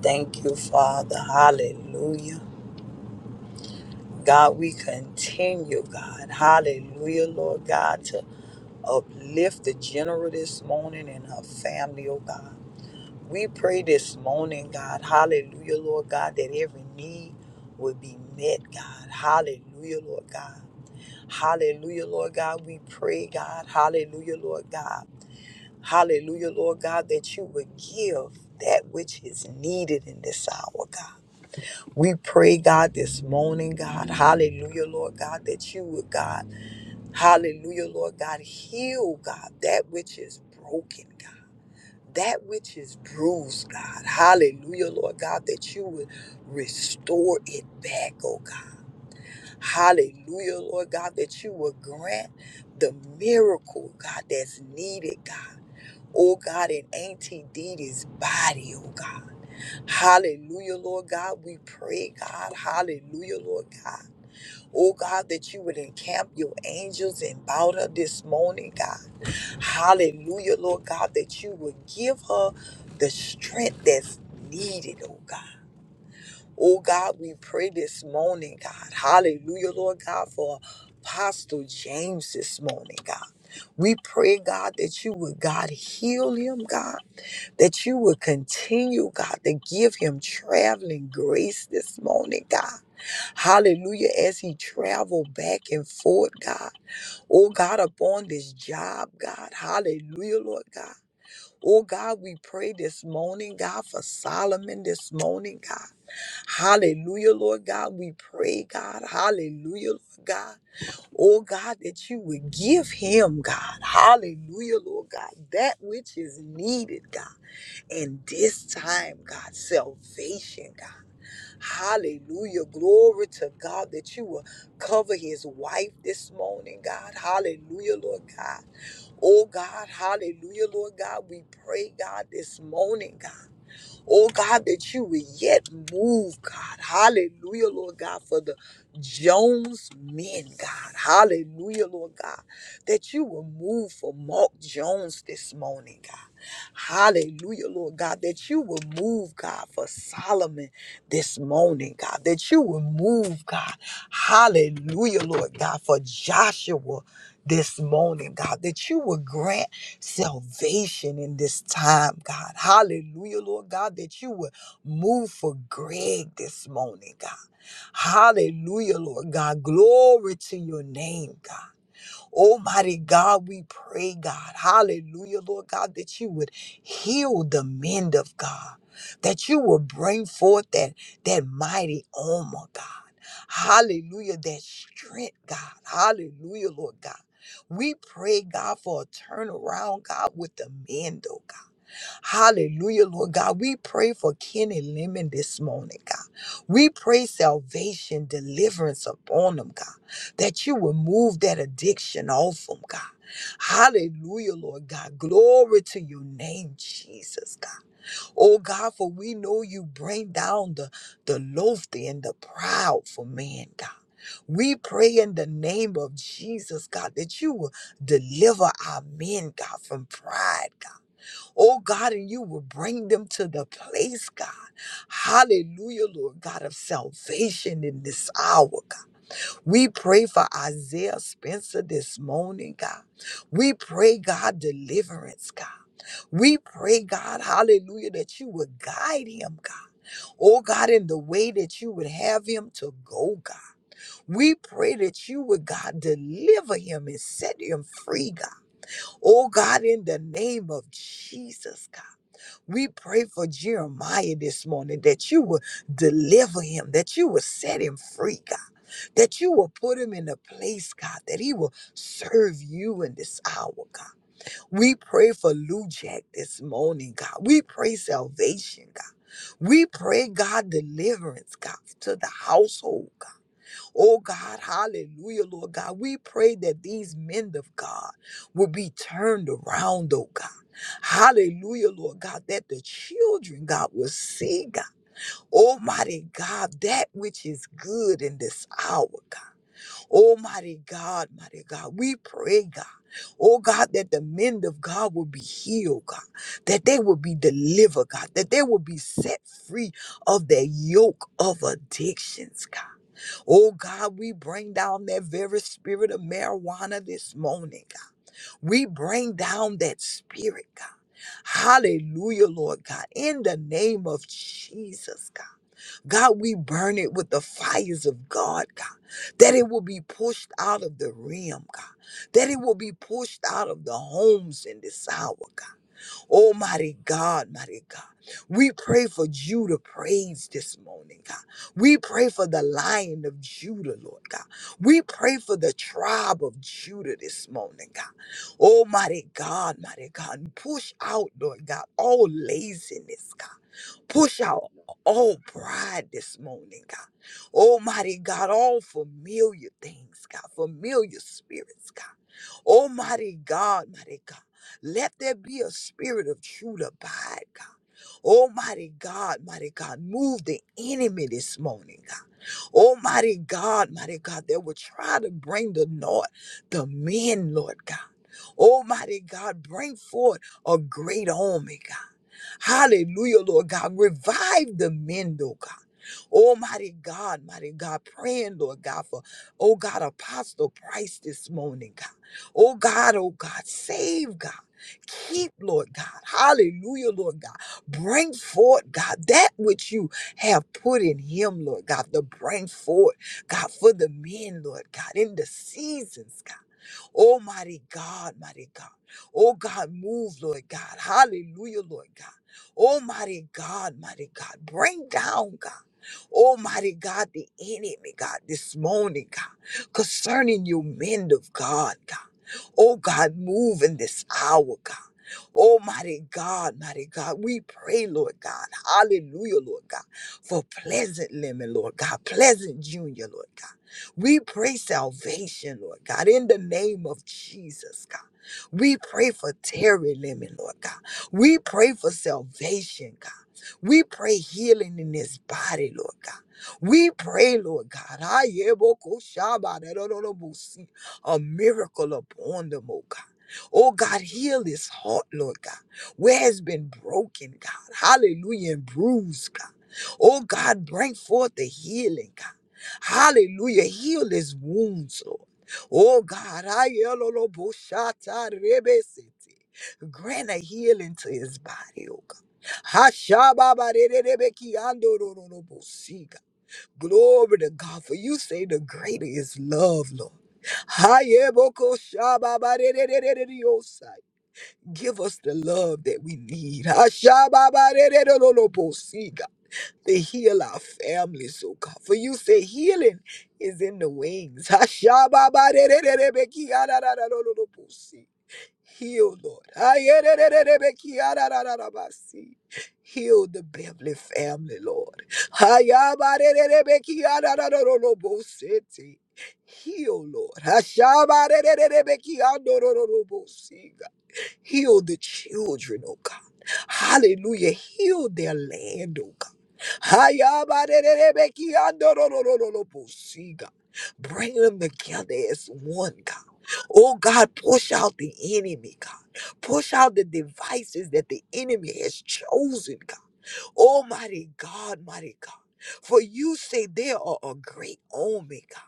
[SPEAKER 2] Thank you, Father. Hallelujah. God, we continue, God. Hallelujah, Lord God. Uplift the general this morning and her family, oh God. We pray this morning, God, hallelujah, Lord God, that every need will be met, God. Hallelujah, Lord God. Hallelujah, Lord God. We pray, God, hallelujah, Lord God. Hallelujah, Lord God, that you would give that which is needed in this hour, God. We pray, God, this morning, God, hallelujah, Lord God, that you would, God. Hallelujah, Lord God. Heal, God, that which is broken, God. That which is bruised, God. Hallelujah, Lord God, that you would restore it back, oh God. Hallelujah, Lord God, that you would grant the miracle, God, that's needed, God. Oh God, in Auntie Dee Dee's body, oh God. Hallelujah, Lord God. We pray, God. Hallelujah, Lord God. Oh God, that you would encamp your angels about her this morning, God. Hallelujah, Lord God, that you would give her the strength that's needed, oh God. Oh God, we pray this morning, God. Hallelujah, Lord God, for Apostle James this morning, God. We pray, God, that you would, God, heal him, God, that you would continue, God, to give him traveling grace this morning, God. Hallelujah, as he travel back and forth, God. Oh God, upon this job, God. Hallelujah, Lord God. Oh God, we pray this morning, God, for Solomon this morning, God. Hallelujah, Lord God. We pray, God. Hallelujah, Lord God. Oh God, that you would give him, God. Hallelujah, Lord God. That which is needed, God. And this time, God, salvation, God. Hallelujah. Glory to God that you will cover his wife this morning, God. Hallelujah, Lord God. Oh God, hallelujah, Lord God. We pray, God, this morning, God. Oh God, that you would yet move, God. Hallelujah, Lord God, for the Jones men, God. Hallelujah, Lord God, that you will move for Mark Jones this morning, God. Hallelujah, Lord God, that you will move, God, for Solomon this morning, God, that you will move, God. Hallelujah, Lord God, for Joshua this morning, God, that you will grant salvation in this time, God. Hallelujah, Lord God, that you would move for Greg this morning, God. Hallelujah, Lord God. Glory to your name, God. Almighty God, we pray, God, hallelujah, Lord God, that you would heal the men of God, that you will bring forth that, that mighty armor, God. Hallelujah, that strength, God. Hallelujah, Lord God. We pray, God, for a turnaround, God, with the men, though, God. Hallelujah, Lord God. We pray for Kenny Lemon this morning, God. We pray salvation, deliverance upon them, God, that you will move that addiction off them, God. Hallelujah, Lord God. Glory to your name, Jesus, God. Oh, God, for we know you bring down the, the lofty and the proud for man, God. We pray in the name of Jesus, God, that you will deliver our men, God, from pride, God. Oh God, and you will bring them to the place, God. Hallelujah, Lord God of salvation in this hour, God. We pray for Isaiah Spencer this morning, God. We pray, God, deliverance, God. We pray, God, hallelujah, that you would guide him, God. Oh God, in the way that you would have him to go, God. We pray that you would, God, deliver him and set him free, God. Oh God, in the name of Jesus, God. We pray for Jeremiah this morning that you will deliver him, that you will set him free, God, that you will put him in a place, God, that he will serve you in this hour, God. We pray for Lou Jack this morning, God. We pray salvation, God. We pray, God, deliverance, God, to the household, God. Oh God, hallelujah, Lord God. We pray that these men of God will be turned around, oh God. Hallelujah, Lord God, that the children, God, will see, God. Almighty God, that which is good in this hour, God. Almighty God, mighty God, we pray, God. Oh God, that the men of God will be healed, God, that they will be delivered, God, that they will be set free of the yoke of addictions, God. Oh God, we bring down that very spirit of marijuana this morning. God. We bring down that spirit, God. Hallelujah, Lord God. In the name of Jesus, God. God, we burn it with the fires of God, God. That it will be pushed out of the realm, God. That it will be pushed out of the homes in this hour, God. Almighty God, mighty God. We pray for Judah praise this morning, God. We pray for the lion of Judah, Lord God. We pray for the tribe of Judah this morning, God. Almighty God, mighty God. Push out, Lord God, all laziness, God. Push out all pride this morning, God. Almighty God, all familiar things, God, familiar spirits, God. Oh, mighty God, mighty God, let there be a spirit of truth abide, God. Almighty God, mighty God, move the enemy this morning, God. Almighty God, mighty God, that will try to bring the Lord, the men, Lord God. Almighty God, bring forth a great army, God. Hallelujah, Lord God. Revive the men, Lord God. Almighty God, mighty God, praying, Lord God, for, oh God, Apostle Price this morning, God. Oh God, oh God, save God. Keep, Lord God. Hallelujah, Lord God. Bring forth, God, that which you have put in him, Lord God, to bring forth, God, for the men, Lord God, in the seasons, God. Oh, mighty God, mighty God. Oh, God, move, Lord God. Hallelujah, Lord God. Oh, mighty God, mighty God. Bring down, God. Almighty God, the enemy, God, this morning, God, concerning you, men of God, God. Oh, God, move in this hour, God. Almighty God, mighty God, we pray, Lord God, hallelujah, Lord God, for Pleasant Lemon, Lord God, Pleasant Junior, Lord God. We pray salvation, Lord God, in the name of Jesus, God. We pray for Terry Lemon, Lord God. We pray for salvation, God. We pray healing in his body, Lord God. We pray, Lord God, ayebokoshabarerorobosi, a miracle upon them, oh God. Oh God, heal his heart, Lord God, where has been broken, God. Hallelujah, and bruised, God. Oh God, bring forth the healing, God. Hallelujah. Heal his wounds, Lord. Oh God, I yellow boshata rebesete. Grant a healing to his body, oh God. Hashababarererebekiandororobosiga. Glory to God, for you say the greater is love, Lord. Hayebokoshababarerererererosai. Give us the love that we need. Hashababarerererobosiga to heal our families, oh God. For you say healing is in the wings. Hashababarererebekiararararorobosi. Heal, Lord. Ayerererebekiararararabasi. Heal the Beverly family, Lord. Hayabarererebekiararararorobosete. Heal, Lord. Hashabarererebekiandorororobosi. Heal the children, oh God. Hallelujah. Heal their land, oh God. Hayabarererebekiandorororororobosi, God. Bring them together as one, God. Oh God, push out the enemy, God. Push out the devices that the enemy has chosen, God. Oh, mighty God, mighty God. For you say they are a great army, God.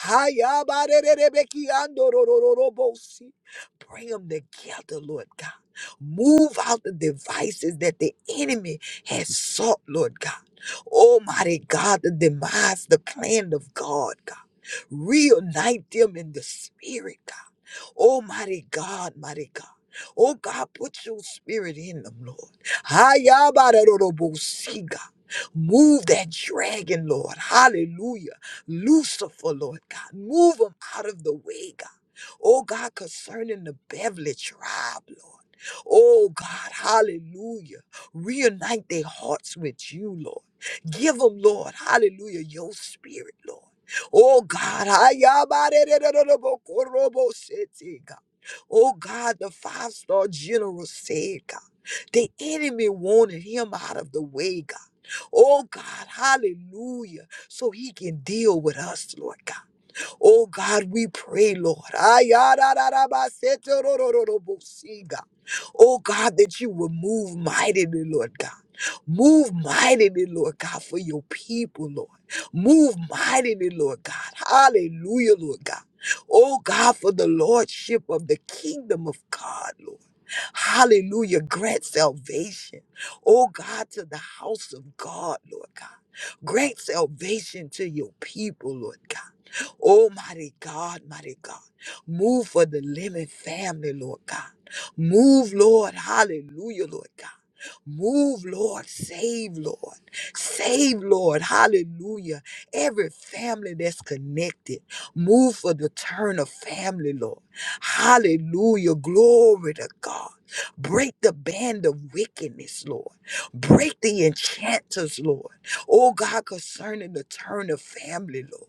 [SPEAKER 2] Hayabarererebekiandorororobosi. Bring them together, Lord God. Move out the devices that the enemy has sought, Lord God. Almighty God, the demise, the plan of God, God. Reunite them in the spirit, God. Oh, mighty God, mighty God. Oh, God, put your spirit in them, Lord. Hayabarorobosiga. Move that dragon, Lord. Hallelujah. Lucifer, Lord God. Move them out of the way, God. Oh, God, concerning the Beverly tribe, Lord. Oh, God, hallelujah. Reunite their hearts with you, Lord. Give them, Lord, hallelujah, your spirit, Lord. Oh God, ayabarerererobokoroboshete, God. Oh God, the five-star general said, God, the enemy wanted him out of the way, God. Oh God, hallelujah. So he can deal with us, Lord God. Oh God, we pray, Lord. Ayarararabasetorororobosi, God. Oh God, that you will move mightily, Lord God. Move mightily, Lord God, for your people, Lord. Move mightily, Lord God. Hallelujah, Lord God. Oh God, for the lordship of the kingdom of God, Lord. Hallelujah. Grant salvation, oh God, to the house of God, Lord God. Grant salvation to your people, Lord God. Oh, mighty God, mighty God. Move for the Lemon family, Lord God. Move, Lord. Hallelujah, Lord God. Move, Lord. Save, Lord. Save, Lord. Hallelujah. Every family that's connected. Move for the Turner family, Lord. Hallelujah. Glory to God. Break the band of wickedness, Lord. Break the enchanters, Lord. Oh God, concerning the Turner family, Lord.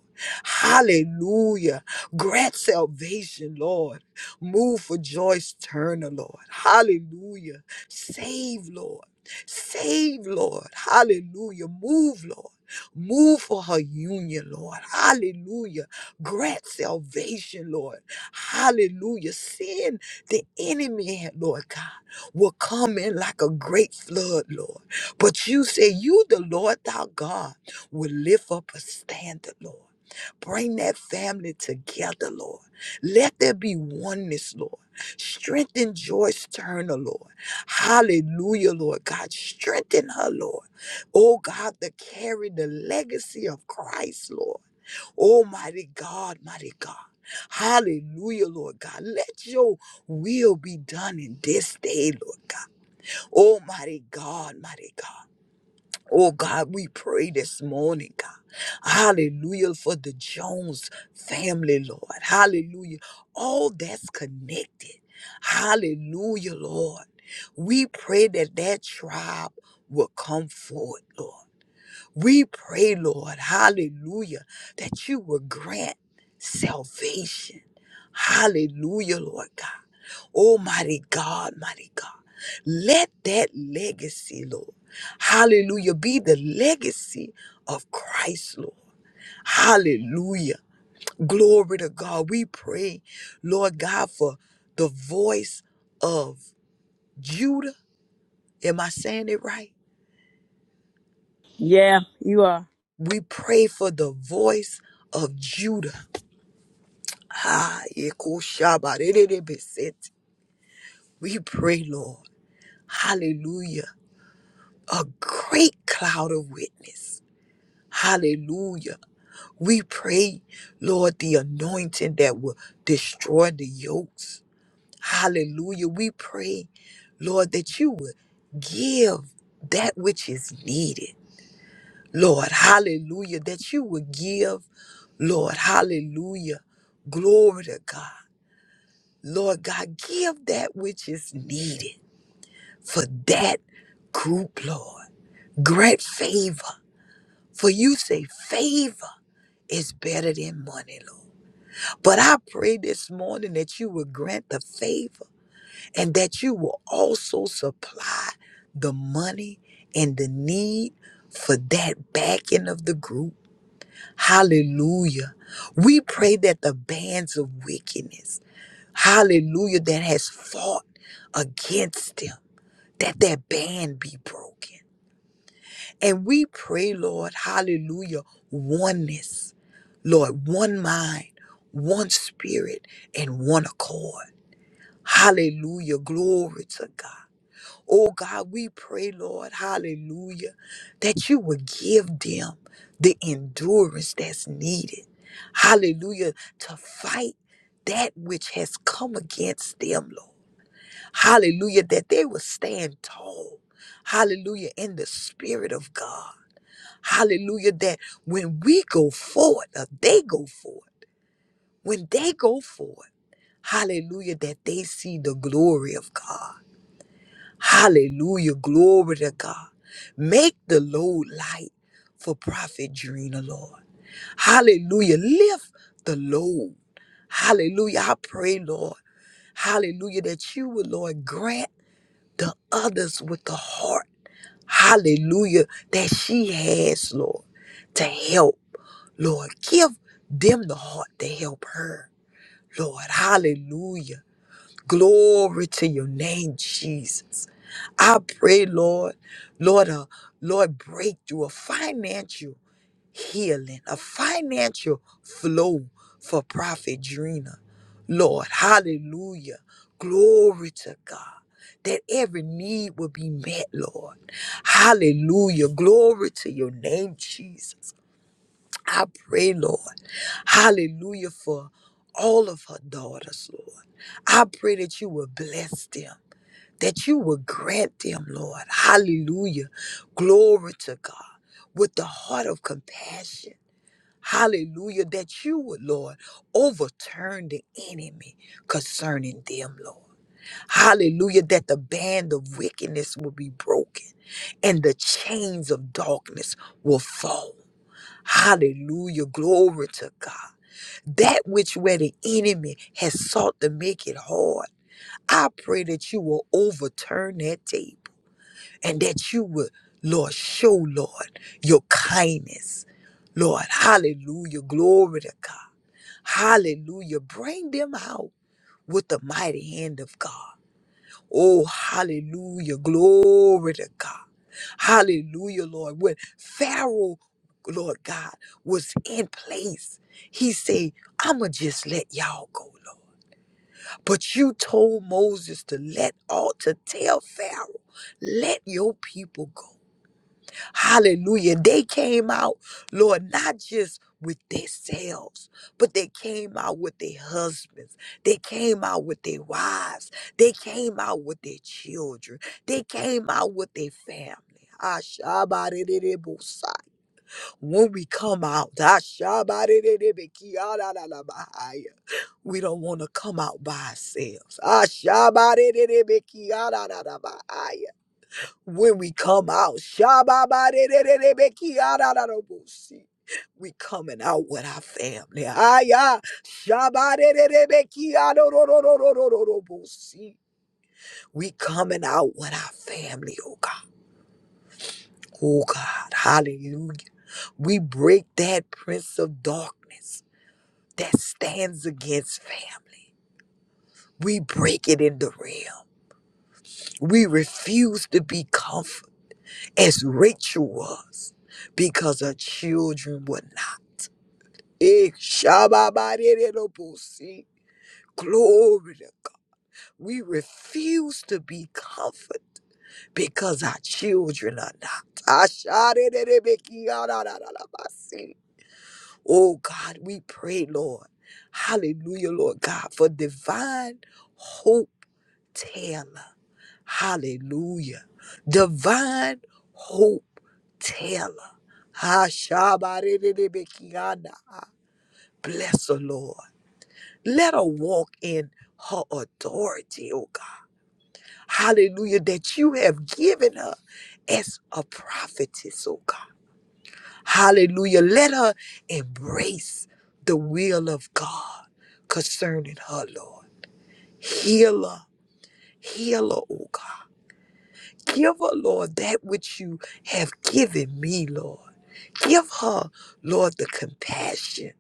[SPEAKER 2] Hallelujah. Grant salvation, Lord. Move for Joyce Turner, Lord. Hallelujah. Save, Lord. Save, Lord. Hallelujah. Move, Lord. Move for her union, Lord. Hallelujah. Grant salvation, Lord. Hallelujah. Sin, the enemy, Lord God, will come in like a great flood, Lord. But you say, You, the Lord, thou God, will lift up a standard, Lord. Bring that family together, Lord. Let there be oneness, Lord. Strengthen Joyce Turner, Lord. Hallelujah, Lord God. Strengthen her, Lord. Oh God, to carry the legacy of Christ, Lord. Almighty God, mighty God. Hallelujah, Lord God. Let your will be done in this day, Lord God. Almighty God, mighty God. Oh God, we pray this morning, God. Hallelujah for the Jones family, Lord. Hallelujah. All that's connected. Hallelujah, Lord. We pray that that tribe will come forward, Lord. We pray, Lord, hallelujah, that you will grant salvation. Hallelujah, Lord God. Almighty God, mighty God. Let that legacy, Lord, hallelujah, be the legacy of Christ, Lord. Hallelujah. Glory to God. We pray, Lord God, for the voice of Judah. Am I saying it right?
[SPEAKER 4] Yeah, you are.
[SPEAKER 2] We pray for the voice of Judah. Ah, yekushabarereribisete. We pray, Lord. Hallelujah. A great cloud of witness. Hallelujah. We pray, Lord, the anointing that will destroy the yokes. Hallelujah. We pray, Lord, that you would give that which is needed. Lord, hallelujah. That you would give, Lord, hallelujah. Glory to God. Lord God, give that which is needed for that group, Lord. Grant favor, for you say favor is better than money, Lord. But I pray this morning that you will grant the favor and that you will also supply the money and the need for that backing of the group. Hallelujah. We pray that the bands of wickedness, hallelujah, that has fought against them. that that band be broken. And we pray, Lord, hallelujah, oneness. Lord, one mind, one spirit, and one accord. Hallelujah, glory to God. Oh God, we pray, Lord, hallelujah, that you would give them the endurance that's needed. Hallelujah, to fight that which has come against them, Lord. Hallelujah. That they will stand tall. Hallelujah. In the Spirit of God. Hallelujah. That when we go forward, or they go forward, when they go forward, hallelujah, that they see the glory of God. Hallelujah. Glory to God. Make the load light for Prophet Drina, Lord. Hallelujah. Lift the load. Hallelujah. I pray, Lord. Hallelujah. That you would, Lord, grant. the others with the heart, hallelujah, that she has, Lord, to help, Lord. Give them the heart to help her, Lord, hallelujah. Glory to your name, Jesus. I pray, Lord, Lord, uh, Lord, breakthrough, a financial healing, a financial flow for Prophet Drina. Lord, hallelujah. Glory to God. That every need will be met, Lord. Hallelujah. Glory to your name, Jesus. I pray, Lord. Hallelujah for all of her daughters, Lord. I pray that you will bless them, that you will grant them, Lord. Hallelujah. Glory to God with the heart of compassion. Hallelujah. That you would, Lord, overturn the enemy concerning them, Lord. Hallelujah. That the band of wickedness will be broken and the chains of darkness will fall. Hallelujah. Glory to God. That which where the enemy has sought to make it hard, I pray that you will overturn that table and that you will, Lord, show, Lord, your kindness. Lord, hallelujah. Glory to God. Hallelujah. Bring them out with the mighty hand of God. Oh, hallelujah. Glory to God. Hallelujah, Lord. When Pharaoh, Lord God, was in place, he said, I'ma just let y'all go, Lord. But you told Moses to let all to tell Pharaoh, let your people go. Hallelujah. They came out, Lord, not just with themselves, but they came out with their husbands. They came out with their wives. They came out with their children. They came out with their family. Ashabarererebosa. When we come out, ashabarererebekiarararabahaya, we don't want to come out by ourselves. Ashabarererebekiarararabahaya when we come out. Shabba-ba-de-de-de-de-be-ki-ya-da-da-da-bo-si. We coming out with our family. Aya. Shabba-de-de-de-be-ki-ya-do-do-do-do-do-do-do-bo-si. We coming out with our family, oh God. Oh God. Hallelujah. We break that prince of darkness that stands against family. We break it in the realm. We refuse to be comforted. as Rachel was, because her children were not. Eh, shababadedobosi. Glory. to- We refuse to be comforted because our children are not. Ashadededebekiyadadadadabasi. Oh God, we pray, Lord. Hallelujah, Lord God, for divine hope, Taylor. Hallelujah. Divine hope teller. Hashabarebebekiana. Bless the Lord. Let her walk in her authority, oh God. Hallelujah. That you have given her as a prophetess, oh God. Hallelujah. Let her embrace the will of God concerning her, Lord. Heal her. Heal her, oh God. Give her, Lord, that which you have given me, Lord. Give her, Lord, the compassion.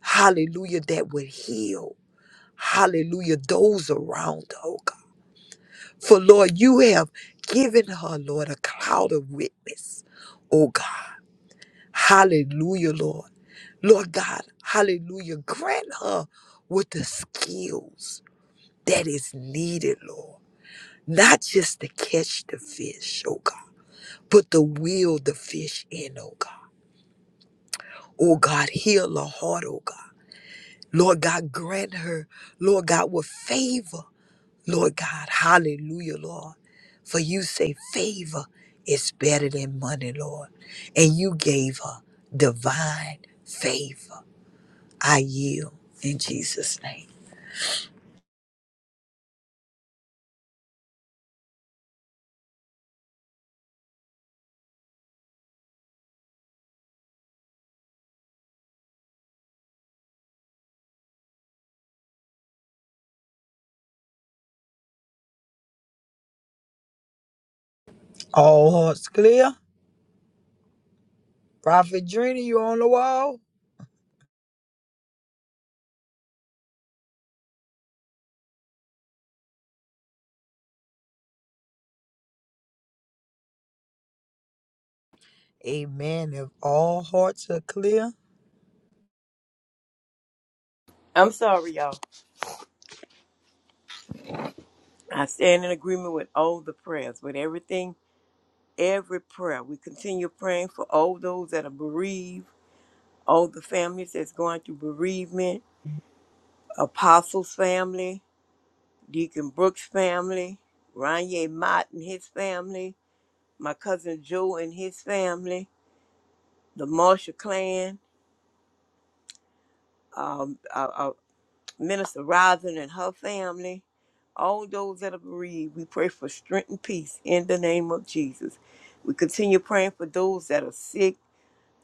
[SPEAKER 2] Hallelujah, that would heal. Hallelujah, those around her, oh God. For, Lord, you have given her, Lord, a cloud of witness, oh God. Hallelujah, Lord. Lord God, hallelujah. Grant her with the skills that is needed, Lord. Not just to catch the fish, oh God Put the will, the fish in, oh God. Oh God, heal her heart, oh God. Lord God, grant her, Lord God, with favor. Lord God, hallelujah, Lord. For you say favor is better than money, Lord. And you gave her divine favor. I yield in Jesus' name. All hearts clear. Prophet Drina, you on the wall? Amen. If all hearts are clear,
[SPEAKER 4] I'm sorry, y'all. I stand in agreement with all the prayers, with everything, every prayer. We continue praying for all those that are bereaved, all the families that's going through bereavement, Apostles' family, Deacon Brooks' family, Ranye Mott and his family, my cousin Joe and his family, the Marshall clan, Minister Rising and her family, all those that are bereaved, we pray for strength and peace in the name of Jesus. We continue praying for those that are sick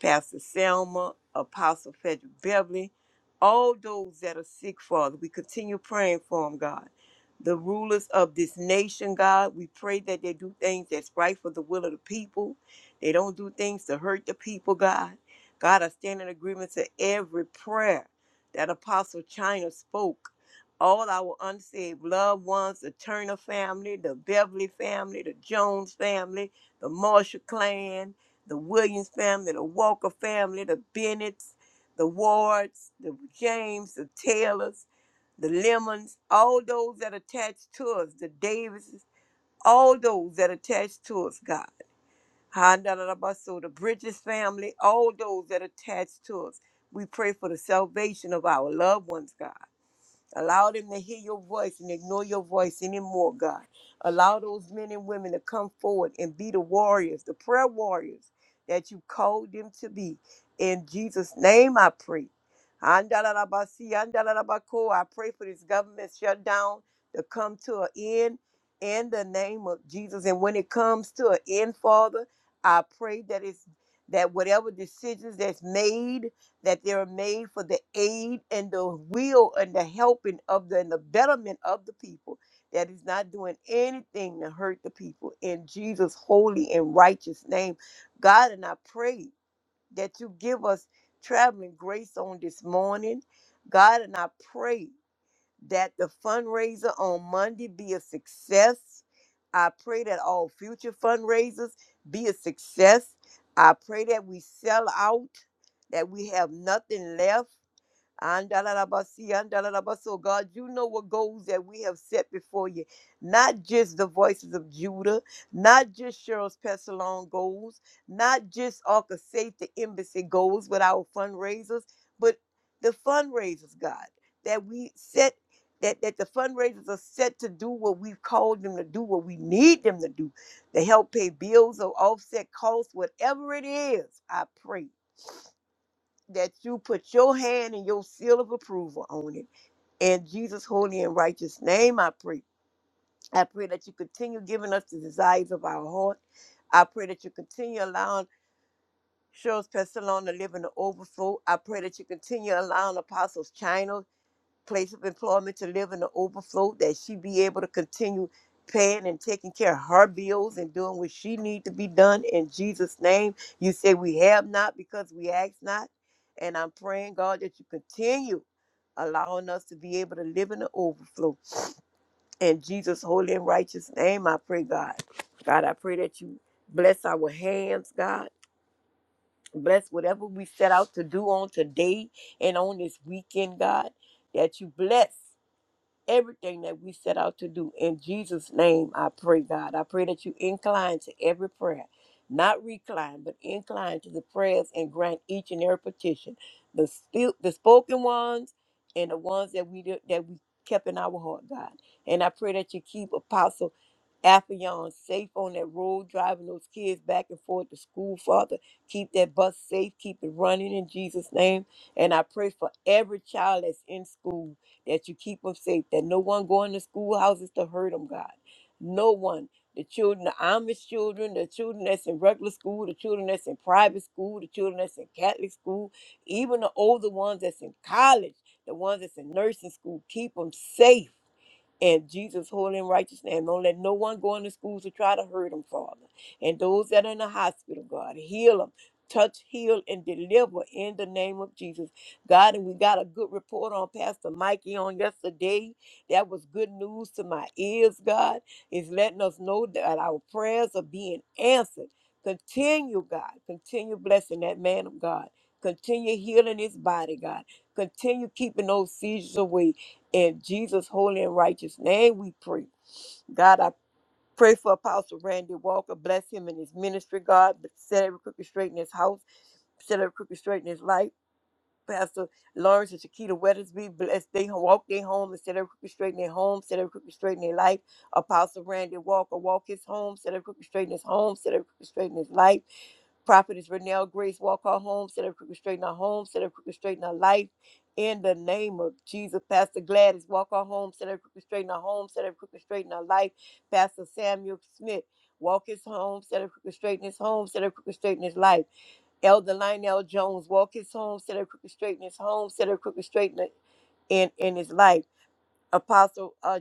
[SPEAKER 4] Pastor Selma, Apostle Frederick Beverly, all those that are sick, Father. We continue praying for them, God. The rulers of this nation, God, we pray that they do things that's right for the will of the people. They don't do things to hurt the people, God. God, I stand in agreement to every prayer that Apostle China spoke. All our unsaved loved ones, the Turner family, the Beverly family, the Jones family, the Marshall clan, the Williams family, the Walker family, the Bennetts, the Wards, the James, the Taylors, the Lemons, all those that attached to us, the Davises, all those that attached to us, God. Handalabaso, the Bridges family, all those that attached to us. We pray for the salvation of our loved ones, God. Allow them to hear your voice and ignore your voice anymore, God. Allow those men and women to come forward and be the warriors, the prayer warriors that you called them to be. In Jesus' name I pray. Andalabasi, andalabako. I pray for this government shutdown to come to an end in the name of Jesus. And when it comes to an end, Father, I pray that it's that whatever decisions that's made that they are made for the aid and the will and the helping of the and the betterment of the people that is not doing anything to hurt the people in Jesus holy and righteous name God and I pray that you give us traveling grace on this morning God and I pray that the fundraiser on Monday be a success. I pray that all future fundraisers be a success. I pray that we sell out, that we have nothing left. Andalabasi, andalabaso. God, you know what goals that we have set before you. Not just the voices of Judah, not just Cheryl's Pestalon goals, not just Arca Safety Embassy goals with our fundraisers, but the fundraisers, God, that we set. That, that the fundraisers are set to do what we've called them to do, what we need them to do, to help pay bills or offset costs, whatever it is, I pray that you put your hand and your seal of approval on it. In Jesus' holy and righteous name, I pray. I pray that you continue giving us the desires of our heart. I pray that you continue allowing Cheryl's Pestalon to live in the overflow. I pray that you continue allowing Apostles China place of employment to live in the overflow that she be able to continue paying and taking care of her bills and doing what she need to be done in jesus name you say we have not because we ask not and i'm praying god that you continue allowing us to be able to live in the overflow in jesus holy and righteous name i pray god god i pray that you bless our hands god bless whatever we set out to do on today and on this weekend god that you bless everything that we set out to do. In Jesus' name, I pray, God. I pray that you incline to every prayer, not recline, but incline to the prayers and grant each and every petition, the still, the spoken ones and the ones that we did, that we kept in our heart, God. And I pray that you keep Apostle Affion safe on that road, driving those kids back and forth to school, Father. Keep that bus safe, keep it running in Jesus' name. And I pray for every child that's in school that you keep them safe, that no one go in the schoolhouses to hurt them, God. No one. The children, the Amish children, the children that's in regular school, the children that's in private school, the children that's in Catholic school, even the older ones that's in college, the ones that's in nursing school, keep them safe and Jesus holy and righteous name. Don't let no one go into schools to try to hurt them, Father. And those that are in the hospital, God, heal them. Touch, heal, and deliver in the name of Jesus. God, and we got a good report on Pastor Mikey on yesterday. That was good news to my ears, God. It's letting us know that our prayers are being answered. Continue, God. Continue blessing that man of God. Continue healing his body, God. Continue keeping those seizures away. In Jesus' holy and righteous name, we pray. God, I pray for Apostle Randy Walker. Bless him in his ministry, God. Set every crooked straight in his house. Set every crooked straight in his life. Pastor Lawrence and Shakita Weathersby, bless they walk their home and set every crooked straight in their home, set every crooked straight in their life. Apostle Randy Walker, walk his home, set every crooked straight in his home, set every crooked straight in his life. Prophetess Renelle Grace, walk our home, set up crooked straighten our home, set up crooked straighten our life. In the name of Jesus, Pastor Gladys, walk our home, set up crooked straighten our home, set up crooked straighten our life. Pastor Samuel Smith, walk his home, set up crooked straighten his home, set up crooked straighten his life. Elder Lionel Jones, walk his home, set up crooked straighten his home, set up crooked straighten in in his life. Apostle uh,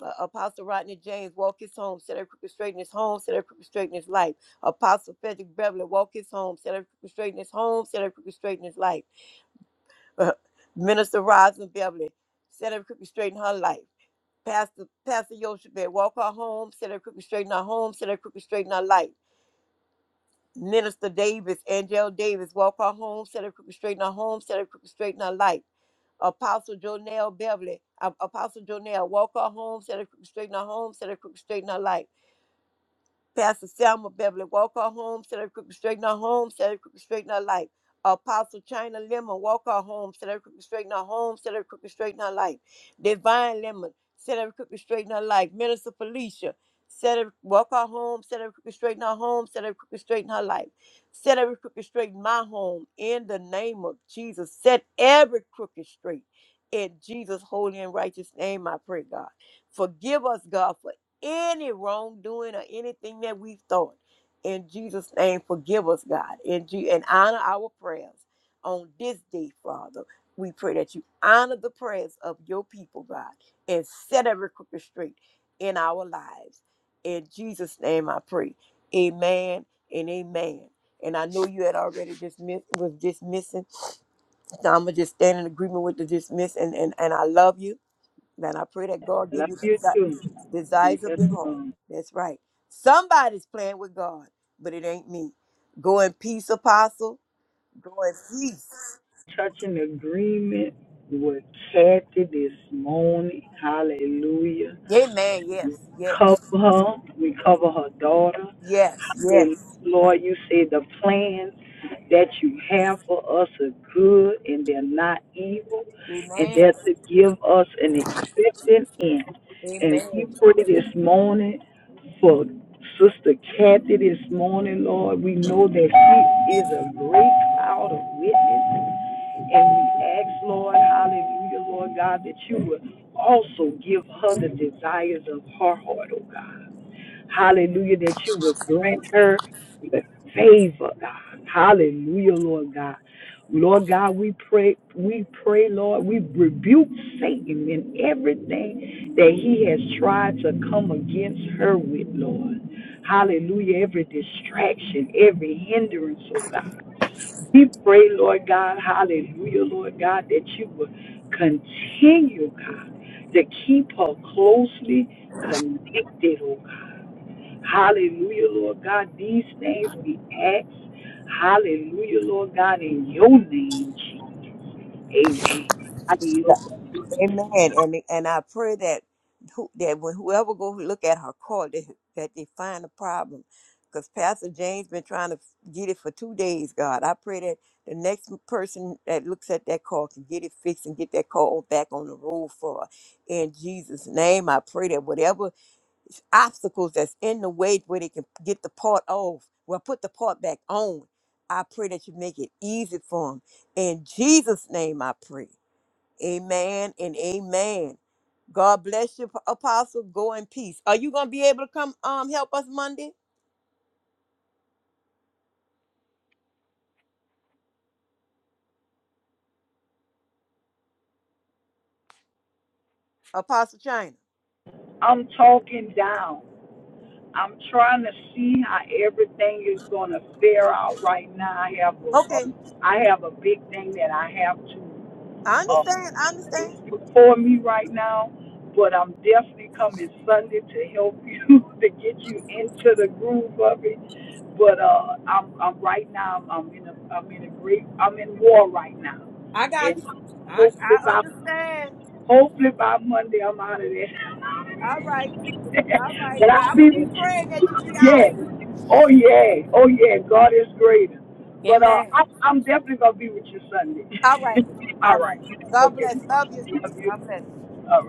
[SPEAKER 4] uh, Apostle Rodney James, walk his home, set every crooked straight in his home, set every crooked straight in his life. Apostle Frederick Beverly, walk his home, set every crooked straight in his home, set every crooked straight in his life. Uh, Minister Rosin Beverly, set every crooked straight in her life. Pastor Pastor Yoshebed, walk her home, set every crooked straight in her home, set every crooked straight in her life. Minister Davis, Angel Davis, walk her home, set every crooked straight in her home, set every crooked straight in her life. Apostle Jonell Beverly, A- Apostle Jonell, walk her home, set her crooked straight in her home, set her crooked straight in her life. Pastor Selma Beverly Walker home, set every crooked straight in her home, set every crooked straight in her life. Apostle China Lemon Walker home, set every crooked straight in her home, set every crooked straight in her life. Divine Lemon, set every crooked straight in her life. Minister Felicia, set her Walker home, set every crooked straight in her home, set every crooked straight in her life. Set every crooked straight in my home in the name of Jesus. Set every crooked straight in Jesus' holy and righteous name, I pray, God. Forgive us, God, for any wrongdoing or anything that we've thought. In Jesus' name, forgive us, God, and, Je- and honor our prayers on this day, Father. We pray that you honor the prayers of your people, God, and set every crooked straight in our lives. In Jesus' name, I pray. Amen and amen. And I know you had already dismissed was dismissing. So I'm gonna just stand in agreement with the dismiss and, and, and I love you then I pray that God give
[SPEAKER 2] Love
[SPEAKER 4] you
[SPEAKER 2] you
[SPEAKER 4] the
[SPEAKER 2] too.
[SPEAKER 4] desires of your heart.
[SPEAKER 2] Yes,
[SPEAKER 4] That's right. Somebody's playing with God, but it ain't me. Go in peace, apostle. Go in peace.
[SPEAKER 2] Touching agreement with Kathy this morning. Hallelujah.
[SPEAKER 4] Amen. Yes.
[SPEAKER 2] We
[SPEAKER 4] Yes.
[SPEAKER 2] cover her. We cover her daughter.
[SPEAKER 4] Yes. Yes.
[SPEAKER 2] Hallelujah. Lord, you say the plans that you have for us are good and they're not evil, and they're
[SPEAKER 4] Amen.
[SPEAKER 2] to give us an expected end. And we
[SPEAKER 4] Amen.
[SPEAKER 2] pray this morning for Sister Kathy this morning, Lord. We know that she is a great cloud of witness and we ask, Lord, hallelujah, Lord God, that you would also give her the desires of her heart, oh God. Hallelujah, that you would grant her the favor, God. Hallelujah, Lord God. Lord God, we pray, we pray, Lord, we rebuke Satan in everything that he has tried to come against her with, Lord. Hallelujah, every distraction, every hindrance, oh God. We pray, Lord God, hallelujah, Lord God, that you would continue, God, to keep her closely connected, oh God. Hallelujah, Lord God. These things we ask, hallelujah, Lord God, in your name, Jesus. Amen. I yield.
[SPEAKER 4] Amen. And and I pray that who, that when whoever go look at her court, that, that they find a problem, because Pastor James been trying to get it for two days. God, I pray that the next person that looks at that call can get it fixed and get that call back on the road for her. In Jesus' name, I pray that whatever obstacles that's in the way where they can get the part off, well, put the part back on. I pray that you make it easy for them. In Jesus' name, I pray. Amen and amen. God bless you, Apostle. Go in peace. Are you gonna be able to come um help us Monday, Apostle China?
[SPEAKER 2] I'm talking down. I'm trying to see how everything is going to fare out right now. I have a, a
[SPEAKER 4] Okay,
[SPEAKER 2] I have a big thing that I have to
[SPEAKER 4] I
[SPEAKER 2] um,
[SPEAKER 4] understand. I understand.
[SPEAKER 2] for me right now, but I'm definitely coming Sunday to help you to get you into the groove of it. But uh, I'm, I'm right now. I'm in a I'm in a great I'm in war right now,
[SPEAKER 4] I
[SPEAKER 2] and
[SPEAKER 4] got you. I
[SPEAKER 2] hopefully
[SPEAKER 4] I
[SPEAKER 2] by
[SPEAKER 4] understand.
[SPEAKER 2] hopefully by Monday I'm out of there.
[SPEAKER 4] All right. All right.
[SPEAKER 2] But I
[SPEAKER 4] Well,
[SPEAKER 2] will
[SPEAKER 4] I'm
[SPEAKER 2] be
[SPEAKER 4] gonna be
[SPEAKER 2] with you?
[SPEAKER 4] praying that you be out
[SPEAKER 2] Yeah.
[SPEAKER 4] of it.
[SPEAKER 2] Oh yeah. Oh yeah. God is greater. But uh,
[SPEAKER 4] Amen.
[SPEAKER 2] i I'm definitely gonna be with you Sunday.
[SPEAKER 4] All right.
[SPEAKER 2] All
[SPEAKER 4] All right.
[SPEAKER 2] right.
[SPEAKER 4] God
[SPEAKER 2] Okay.
[SPEAKER 4] bless. Love you.
[SPEAKER 2] Love you.
[SPEAKER 4] God bless.
[SPEAKER 2] All right.